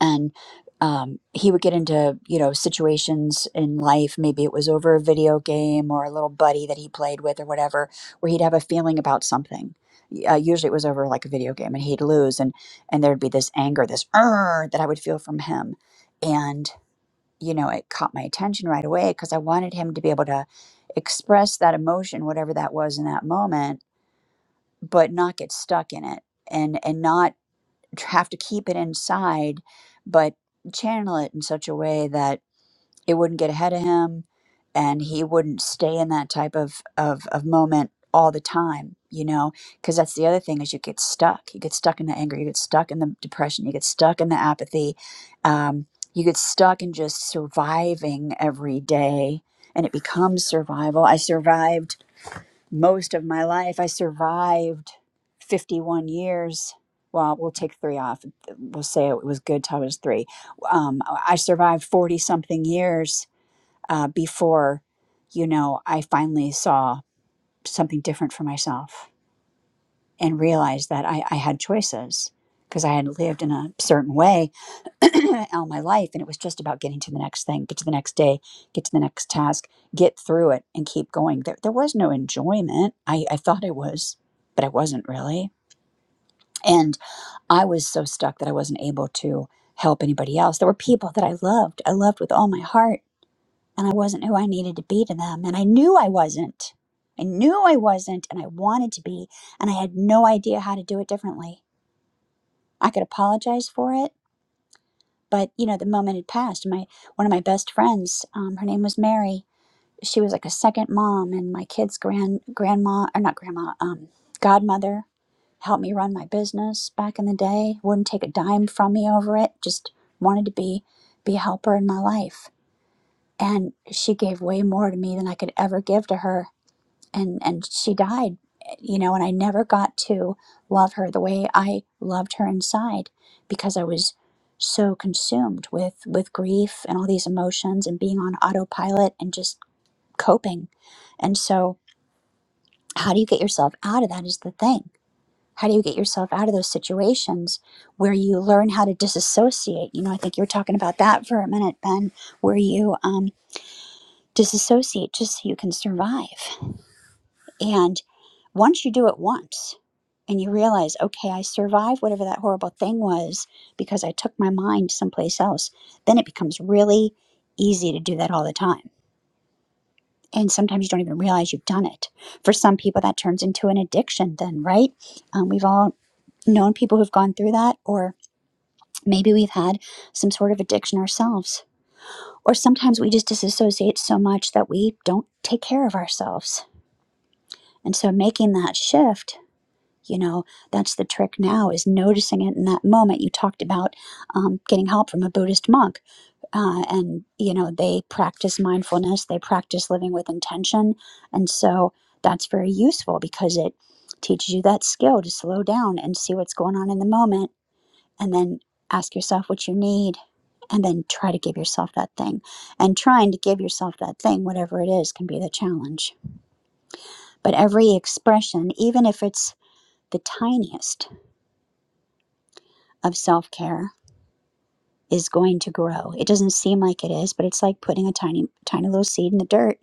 And um, he would get into, you know, situations in life. Maybe it was over a video game or a little buddy that he played with or whatever, where he'd have a feeling about something. Y- Uh, usually it was over like a video game and he'd lose. And, and there'd be this anger, this "Arr!" that I would feel from him. And, you know, it caught my attention right away because I wanted him to be able to express that emotion, whatever that was in that moment, but not get stuck in it and, and not have to keep it inside, but channel it in such a way that it wouldn't get ahead of him and he wouldn't stay in that type of, of, of moment all the time, you know, because that's the other thing is you get stuck. You get stuck in the anger, you get stuck in the depression, you get stuck in the apathy. Um, you get stuck in just surviving every day and it becomes survival. I survived most of my life. I survived 51 years. Well, we'll take three off. We'll say it was good till I was three. Um, I survived 40 something years uh, before, you know, I finally saw something different for myself and realized that I, I had choices because I had lived in a certain way all my life and it was just about getting to the next thing get to the next day get to the next task get through it and keep going there, there was no enjoyment I, I thought it was but i wasn't really and i was so stuck that i wasn't able to help anybody else there were people that i loved i loved with all my heart and i wasn't who i needed to be to them and i knew i wasn't i knew i wasn't and i wanted to be and i had no idea how to do it differently i could apologize for it but you know the moment had passed my one of my best friends um, her name was mary she was like a second mom and my kids grand grandma or not grandma um, godmother helped me run my business back in the day wouldn't take a dime from me over it just wanted to be be a helper in my life and she gave way more to me than i could ever give to her and and she died you know and i never got to love her the way i loved her inside because i was so consumed with with grief and all these emotions and being on autopilot and just coping and so how do you get yourself out of that is the thing how do you get yourself out of those situations where you learn how to disassociate you know i think you were talking about that for a minute ben where you um disassociate just so you can survive And. once you do it once and you realize, okay, I survived whatever that horrible thing was because I took my mind someplace else, then it becomes really easy to do that all the time. And sometimes you don't even realize you've done it. For some people, that turns into an addiction, then, right? Um, we've all known people who've gone through that, or maybe we've had some sort of addiction ourselves. Or sometimes we just disassociate so much that we don't take care of ourselves. And so making that shift you know that's the trick now is noticing it in that moment you talked about um, getting help from a buddhist monk uh, and you know they practice mindfulness they practice living with intention and so that's very useful because it teaches you that skill to slow down and see what's going on in the moment and then ask yourself what you need and then try to give yourself that thing and trying to give yourself that thing whatever it is can be the challenge but every expression even if it's the tiniest of self care is going to grow. It doesn't seem like it is, but it's like putting a tiny, tiny little seed in the dirt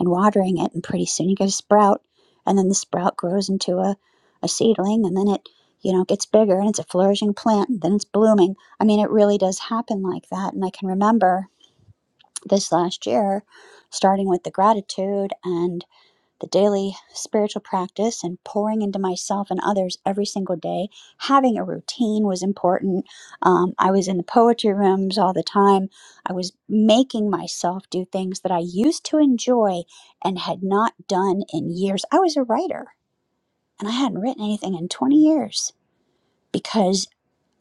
and watering it, and pretty soon you get a sprout, and then the sprout grows into a, a seedling, and then it, you know, gets bigger and it's a flourishing plant, and then it's blooming. I mean, it really does happen like that. And I can remember this last year, starting with the gratitude and the daily spiritual practice and pouring into myself and others every single day. Having a routine was important. Um, I was in the poetry rooms all the time. I was making myself do things that I used to enjoy and had not done in years. I was a writer and I hadn't written anything in 20 years because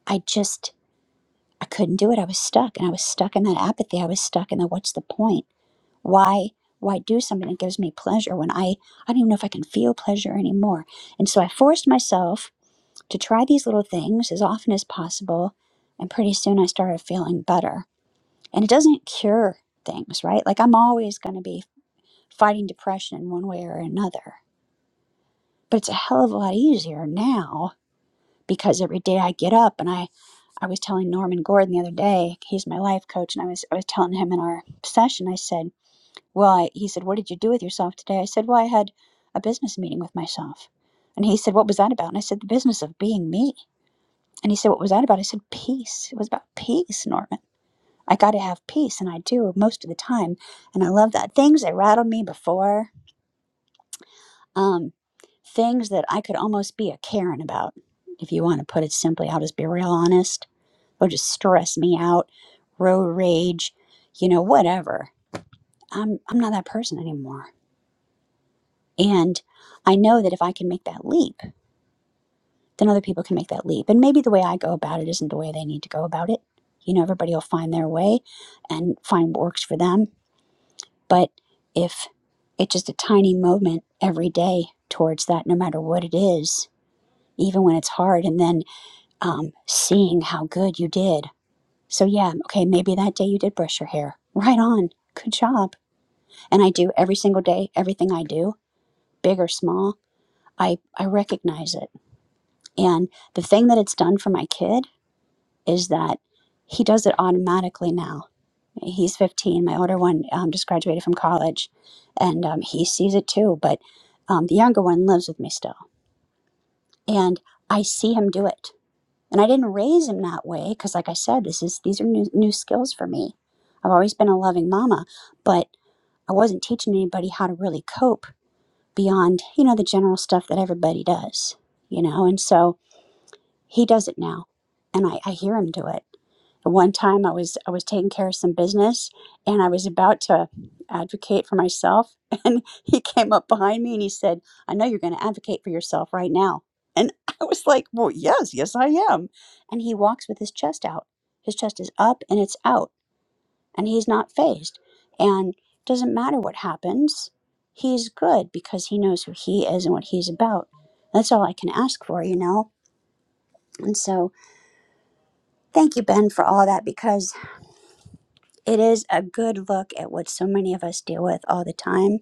I just. I couldn't do it. I was stuck and I was stuck in that apathy. I was stuck in the what's the point? why why do something that gives me pleasure when i i don't even know if i can feel pleasure anymore and so i forced myself to try these little things as often as possible and pretty soon i started feeling better and it doesn't cure things right like i'm always going to be fighting depression in one way or another but it's a hell of a lot easier now because every day i get up and i i was telling norman gordon the other day he's my life coach and i was i was telling him in our session i said Well, I, he said, What did you do with yourself today? I said, Well, I had a business meeting with myself. And he said, What was that about? And I said, The business of being me. And he said, What was that about? I said, Peace. It was about peace, Norman. I got to have peace, and I do most of the time. And I love that. Things that rattled me before, um, things that I could almost be a Karen about, if you want to put it simply. I'll just be real honest. It'll just stress me out, road rage, you know, whatever. I'm, I'm not that person anymore. And I know that if I can make that leap, then other people can make that leap. And maybe the way I go about it isn't the way they need to go about it. You know, everybody will find their way and find what works for them. But if it's just a tiny moment every day towards that, no matter what it is, even when it's hard, and then um, seeing how good you did. So, yeah, okay, maybe that day you did brush your hair. Right on. Good job. And I do every single day, everything I do, big or small, I, I recognize it And the thing that it's done for my kid is that he does it automatically now. He's 15. My older one um, just graduated from college and um, he sees it too. But um, the younger one lives with me still. And I see him do it. And I didn't raise him that way because, like I said, this is these are new, new skills for me. I've always been a loving mama, but I wasn't teaching anybody how to really cope beyond, you know, the general stuff that everybody does, you know? And so He does it now, and I, I hear him do it. One time, I was I was taking care of some business, and I was about to advocate for myself, and he came up behind me and he said, "I know you're going to advocate for yourself right now." And I was like, "Well, yes, yes, I am." And he walks with his chest out. His chest is up and it's out, and he's not phased. And doesn't matter what happens, he's good because he knows who he is and what he's about. That's all I can ask for, you know. And so Thank you, Ben, for all that because it is a good look at what so many of us deal with all the time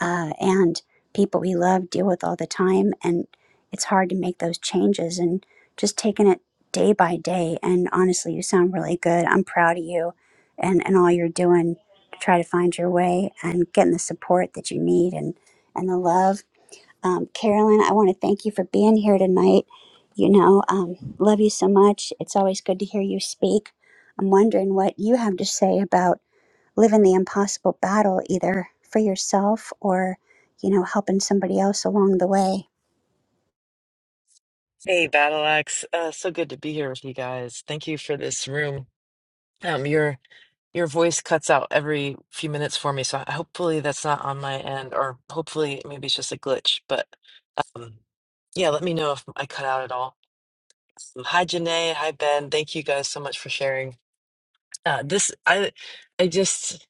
uh, and people we love deal with all the time. And it's hard to make those changes and just taking it day by day. And honestly, you sound really good. I'm proud of you and, and all you're doing to try to find your way and getting the support that you need and, and the love. Um, Carolyn, I want to thank you for being here tonight. You know, um, love you so much. It's always good to hear you speak. I'm wondering what you have to say about living the impossible battle, either for yourself or, you know, helping somebody else along the way.
Hey, Battle Axe. Uh, so good to be here with you guys. Thank you for this room. Um, your your voice cuts out every few minutes for me, so hopefully that's not on my end, or hopefully maybe it's just a glitch. But um, yeah, let me know if I cut out at all. Um, Hi, Janae. Hi, Ben. Thank you guys so much for sharing. Uh, this I I just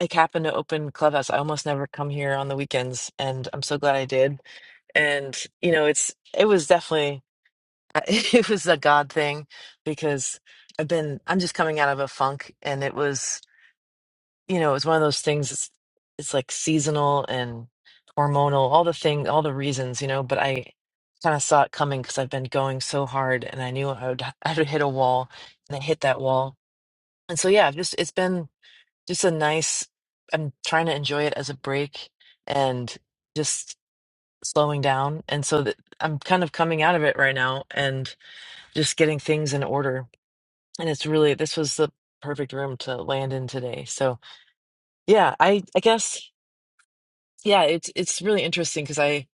like happened to open Clubhouse. I almost never come here on the weekends, and I'm so glad I did. And you know, it's it was definitely. I- it was a God thing because I've been I'm just coming out of a funk and it was you know it was one of those things it's it's like seasonal and hormonal all the thing all the reasons you know but I kind of saw it coming because I've been going so hard and I knew I would I would hit a wall and I hit that wall and so yeah I've just it's been just a nice I'm trying to enjoy it as a break and just slowing down and so that I'm kind of coming out of it right now and just getting things in order and it's really this was the perfect room to land in today so yeah i i guess yeah it's it's really interesting because i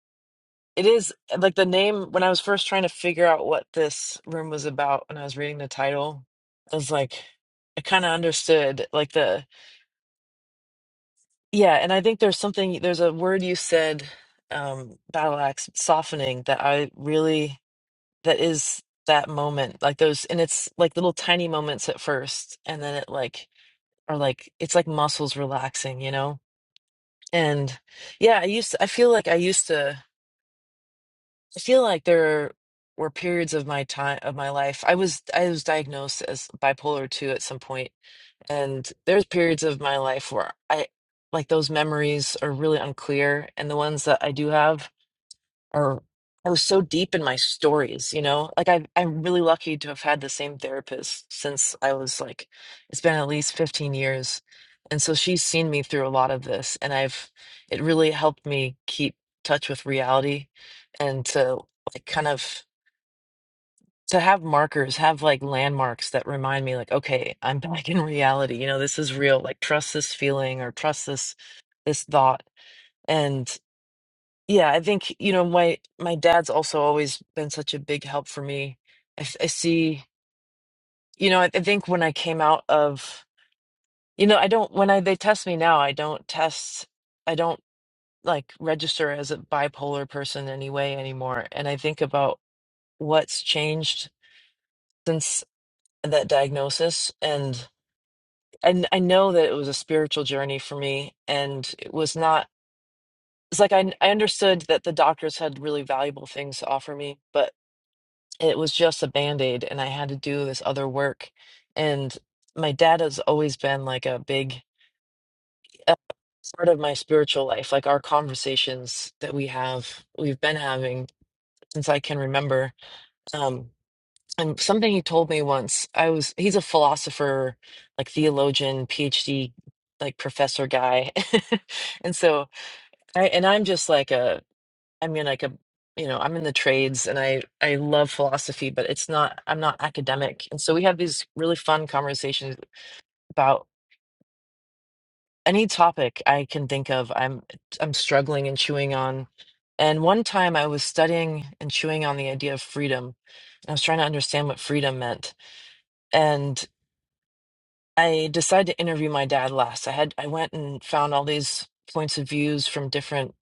it is uh, like the name when i was first trying to figure out what this room was about when i was reading the title i was like i kind of understood like the yeah and i think there's something there's a word you said um battle axe softening that i really that is that moment like those and it's like little tiny moments at first and then it like are like it's like muscles relaxing, you know? And yeah, I used I feel like I used to I feel like there were periods of my time of my life. I was I was diagnosed as bipolar 2 at some point, and there's periods of my life where I like those memories are really unclear and the ones that I do have or I was so deep in my stories, you know? Like I I'm really lucky to have had the same therapist since I was like it's been at least 15 years. And so she's seen me through a lot of this and I've it really helped me keep touch with reality and to like kind of to have markers, have like landmarks that remind me like okay, I'm back in reality. You know, this is real. Like trust this feeling or trust this this thought. Yeah, I think, you know, my my dad's also always been such a big help for me. I, f- I see, you know, I, I think when I came out of, you know, I don't when I they test me now, I don't test, I don't like register as a bipolar person anyway anymore. And I think about what's changed since that diagnosis and and I know that it was a spiritual journey for me and it was not it's like I I understood that the doctors had really valuable things to offer me, but it was just a band-aid and I had to do this other work. And my dad has always been like a big uh, part of my spiritual life, like our conversations that we have, we've been having since I can remember. Um, and something he told me once, I was, he's a philosopher, like theologian, PhD, like professor guy. And so I, and I'm just like a, I mean, like a, you know, I'm in the trades and I I love philosophy, but it's not I'm not academic. And so we have these really fun conversations about any topic I can think of. I'm I'm struggling and chewing on. And one time I was studying and chewing on the idea of freedom. I was trying to understand what freedom meant. And I decided to interview my dad last. I had I went and found all these points of views from different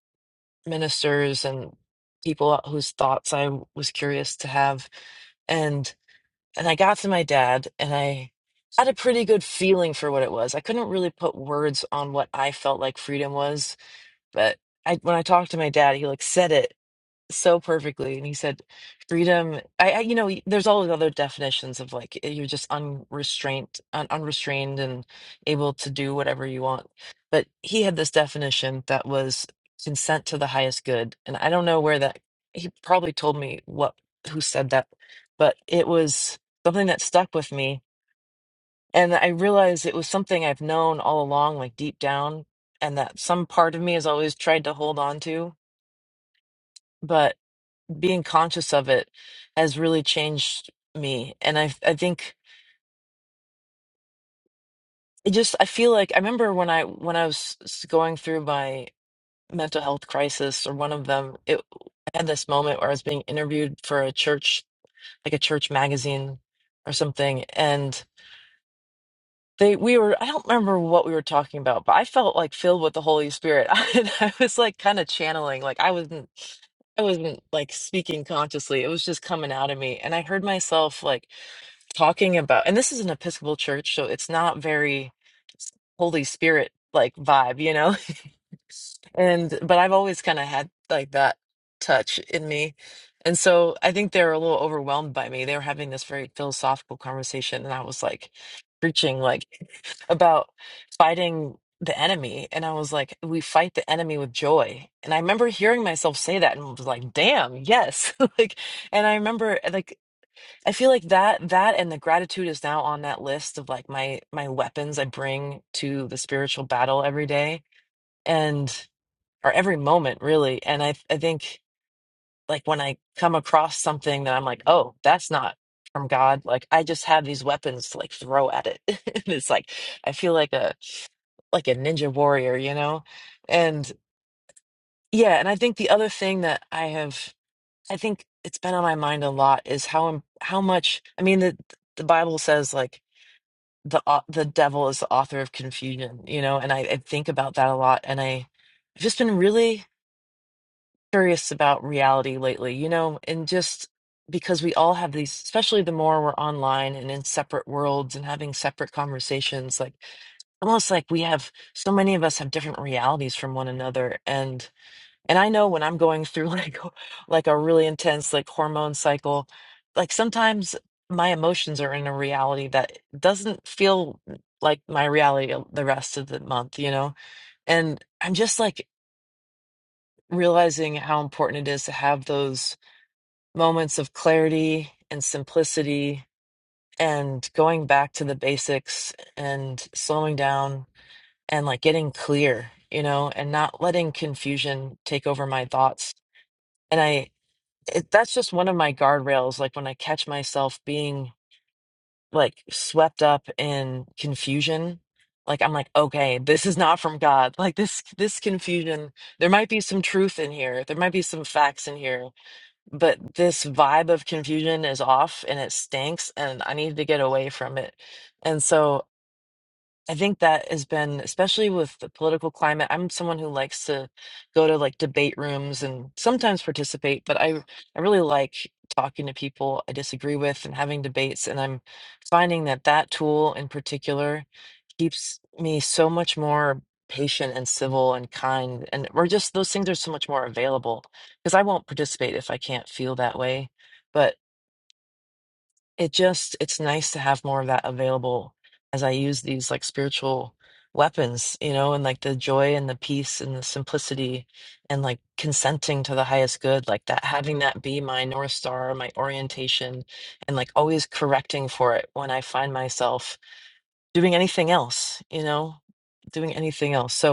ministers and people whose thoughts I was curious to have. And and I got to my dad and I had a pretty good feeling for what it was. I couldn't really put words on what I felt like freedom was, but I when I talked to my dad, he like said it so perfectly. And he said, freedom, I, I you know, there's all these other definitions of like you're just unrestrained, un, unrestrained and able to do whatever you want. But he had this definition that was consent to the highest good. And I don't know where that, he probably told me what, who said that, but it was something that stuck with me. And I realized it was something I've known all along, like deep down, and that some part of me has always tried to hold on to. but being conscious of it has really changed me and i i think it just i feel like i remember when i when i was s- going through my mental health crisis or one of them it I had this moment where i was being interviewed for a church like a church magazine or something and they we were i don't remember what we were talking about but i felt like filled with the holy spirit and i was like kind of channeling like i wasn't i wasn't like speaking consciously it was just coming out of me and i heard myself like talking about and this is an Episcopal church, so it's not very Holy Spirit like vibe, you know? And but I've always kind of had like that touch in me. And so I think they were a little overwhelmed by me. They were having this very philosophical conversation and I was like preaching like about fighting the enemy and I was like we fight the enemy with joy. And I remember hearing myself say that and was like damn, yes. like and I remember like I feel like that that and the gratitude is now on that list of like my my weapons I bring to the spiritual battle every day and or every moment really. And I I think like when I come across something that I'm like, oh, that's not from God. Like I just have these weapons to like throw at it. And it's like I feel like a like a ninja warrior, you know? And yeah, and I think the other thing that I have I think it's been on my mind a lot is how im- how much I mean the the Bible says like the au- the devil is the author of confusion, you know, and I, I think about that a lot and I I've just been really curious about reality lately, you know, and just because we all have these, especially the more we're online and in separate worlds and having separate conversations, like almost like we have so many of us have different realities from one another and. And I know when I'm going through like like a really intense like hormone cycle, like sometimes my emotions are in a reality that doesn't feel like my reality the rest of the month, you know? And I'm just like realizing how important it is to have those moments of clarity and simplicity and going back to the basics and slowing down and like getting clear, you know, and not letting confusion take over my thoughts. And I it, that's just one of my guardrails. Like when I catch myself being like swept up in confusion, like I'm like, okay, this is not from God. Like this, this confusion, there might be some truth in here. There might be some facts in here, but this vibe of confusion is off and it stinks and I need to get away from it. And so I think that has been, especially with the political climate. I'm someone who likes to go to like debate rooms and sometimes participate, but I I really like talking to people I disagree with and having debates. And I'm finding that that tool in particular keeps me so much more patient and civil and kind. And or just those things are so much more available because I won't participate if I can't feel that way. But it just it's nice to have more of that available as I use these like spiritual weapons, you know, and like the joy and the peace and the simplicity and like consenting to the highest good, like that having that be my north star, my orientation and like always correcting for it when I find myself doing anything else, you know, doing anything else. So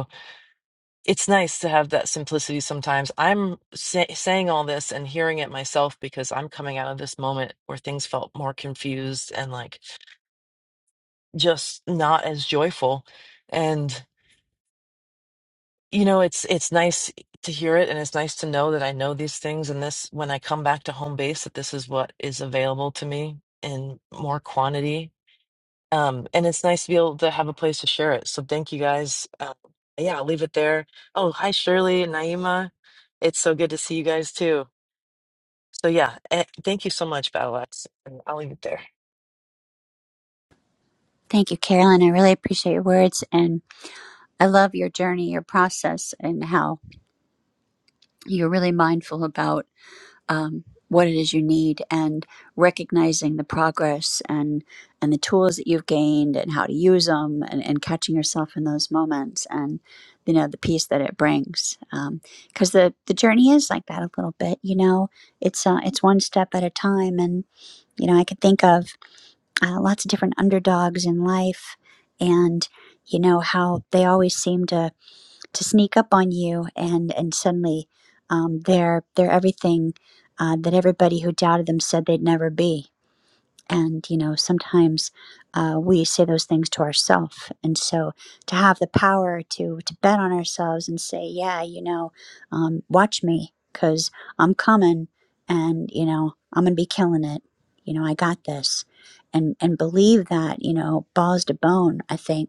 it's nice to have that simplicity sometimes. I'm say, saying all this and hearing it myself because I'm coming out of this moment where things felt more confused and like just not as joyful. And you know, it's it's nice to hear it and it's nice to know that I know these things and this when I come back to home base that this is what is available to me in more quantity Um, and it's nice to be able to have a place to share it. So thank you guys. Uh, yeah, I'll leave it there. Oh, hi, Shirley and Naima. It's so good to see you guys too. So yeah, eh, thank you so much, Battleaxe. And I'll leave it there.
Thank you, Carolyn. I really appreciate your words and I love your journey, your process, and how you're really mindful about. um, what it is you need and recognizing the progress and and the tools that you've gained and how to use them and, and catching yourself in those moments and you know the peace that it brings because the the journey is like that a little bit you know it's uh, it's one step at a time and you know I could think of uh, lots of different underdogs in life and you know how they always seem to to sneak up on you and and suddenly um, they're they're everything uh, that everybody who doubted them said they'd never be and you know sometimes uh, we say those things to ourselves and so to have the power to to bet on ourselves and say yeah you know um, watch me because i'm coming and you know i'm gonna be killing it you know i got this and and believe that you know balls to bone i think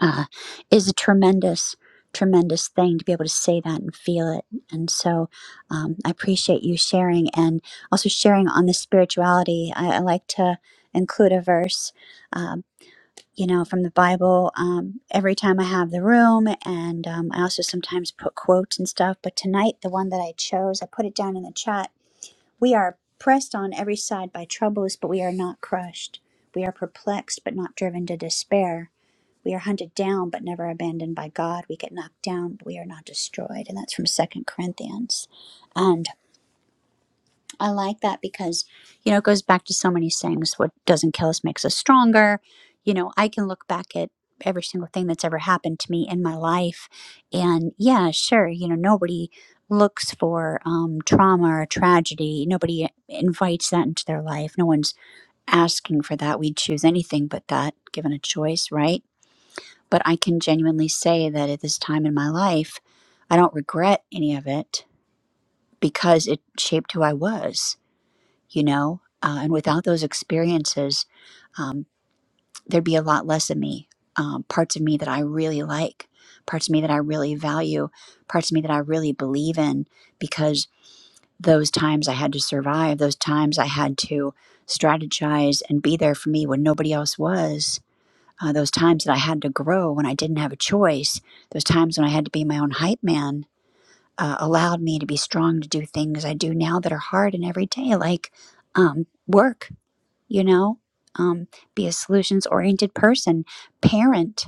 uh, is a tremendous, tremendous thing to be able to say that and feel it. And so um, I appreciate you sharing and also sharing on the spirituality. I, I like to include a verse. Um, you know, from the Bible, um, every time I have the room, and um, I also sometimes put quotes and stuff. But tonight, the one that I chose, I put it down in the chat. We are pressed on every side by troubles, but we are not crushed. We are perplexed, but not driven to despair. We are hunted down but never abandoned by God. We get knocked down, but we are not destroyed. And that's from Second Corinthians. And I like that because, you know, it goes back to so many things. What doesn't kill us makes us stronger. You know, I can look back at every single thing that's ever happened to me in my life. And yeah, sure, you know, nobody looks for um, trauma or tragedy. Nobody invites that into their life. No one's asking for that. We'd choose anything but that given a choice, right? But I can genuinely say that at this time in my life, I don't regret any of it because it shaped who I was, you know? Uh, and without those experiences, um, there'd be a lot less of me. Um, parts of me that I really like, parts of me that I really value, parts of me that I really believe in, because those times I had to survive, those times I had to strategize and be there for me when nobody else was, uh, those times that I had to grow when I didn't have a choice, those times when I had to be my own hype man, uh, allowed me to be strong to do things I do now that are hard and every day, like um, work, you know, um, be a solutions oriented person, parent,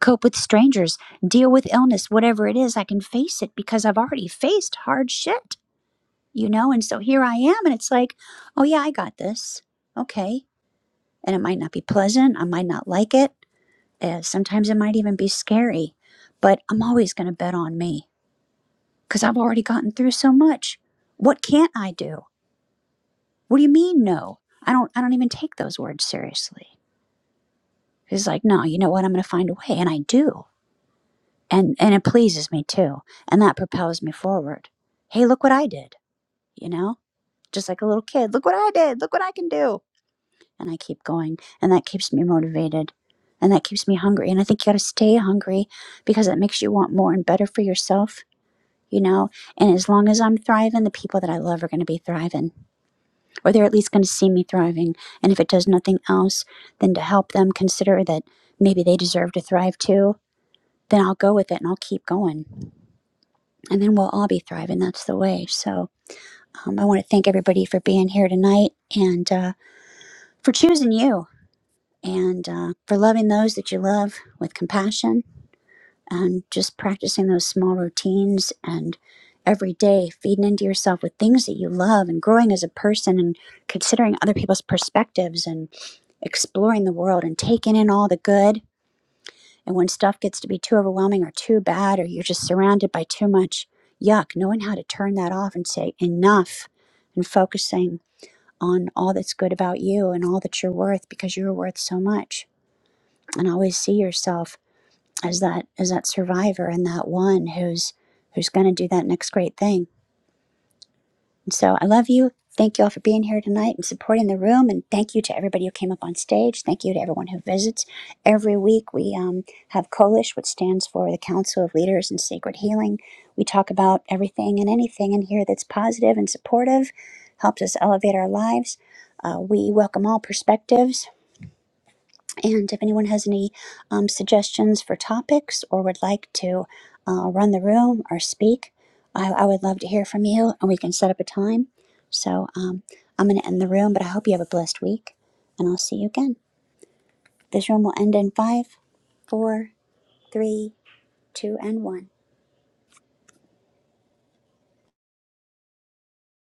cope with strangers, deal with illness, whatever it is, I can face it because I've already faced hard shit, you know? And so here I am, and it's like, oh yeah, I got this. Okay. And it might not be pleasant, I might not like it Uh, sometimes it might even be scary, but I'm always going to bet on me because I've already gotten through so much. What can't I do? What do you mean, no? I don't. I don't even take those words seriously. It's like, no, you know what? I'm going to find a way, and I do, and and it pleases me too, and that propels me forward. Hey, look what I did! You know, just like a little kid. Look what I did! Look what I can do! And I keep going, and that keeps me motivated, and that keeps me hungry. And I think you got to stay hungry because it makes you want more and better for yourself you know and as long as i'm thriving the people that i love are going to be thriving or they're at least going to see me thriving and if it does nothing else then to help them consider that maybe they deserve to thrive too then i'll go with it and i'll keep going and then we'll all be thriving that's the way so um, i want to thank everybody for being here tonight and uh, for choosing you and uh, for loving those that you love with compassion and just practicing those small routines and every day feeding into yourself with things that you love and growing as a person and considering other people's perspectives and exploring the world and taking in all the good and when stuff gets to be too overwhelming or too bad or you're just surrounded by too much yuck knowing how to turn that off and say enough and focusing on all that's good about you and all that you're worth because you're worth so much and always see yourself as that as that survivor and that one who's who's going to do that next great thing. And so I love you. Thank you all for being here tonight and supporting the room. And thank you to everybody who came up on stage. Thank you to everyone who visits. Every week we um, have COLISH, which stands for the Council of Leaders in Sacred Healing. We talk about everything and anything in here that's positive and supportive, helps us elevate our lives. Uh, we welcome all perspectives and if anyone has any um, suggestions for topics or would like to uh, run the room or speak, I, I would love to hear from you and we can set up a time. So um, I'm going to end the room, but I hope you have a blessed week and I'll see you again. This room will end in five, four, three, two, and one.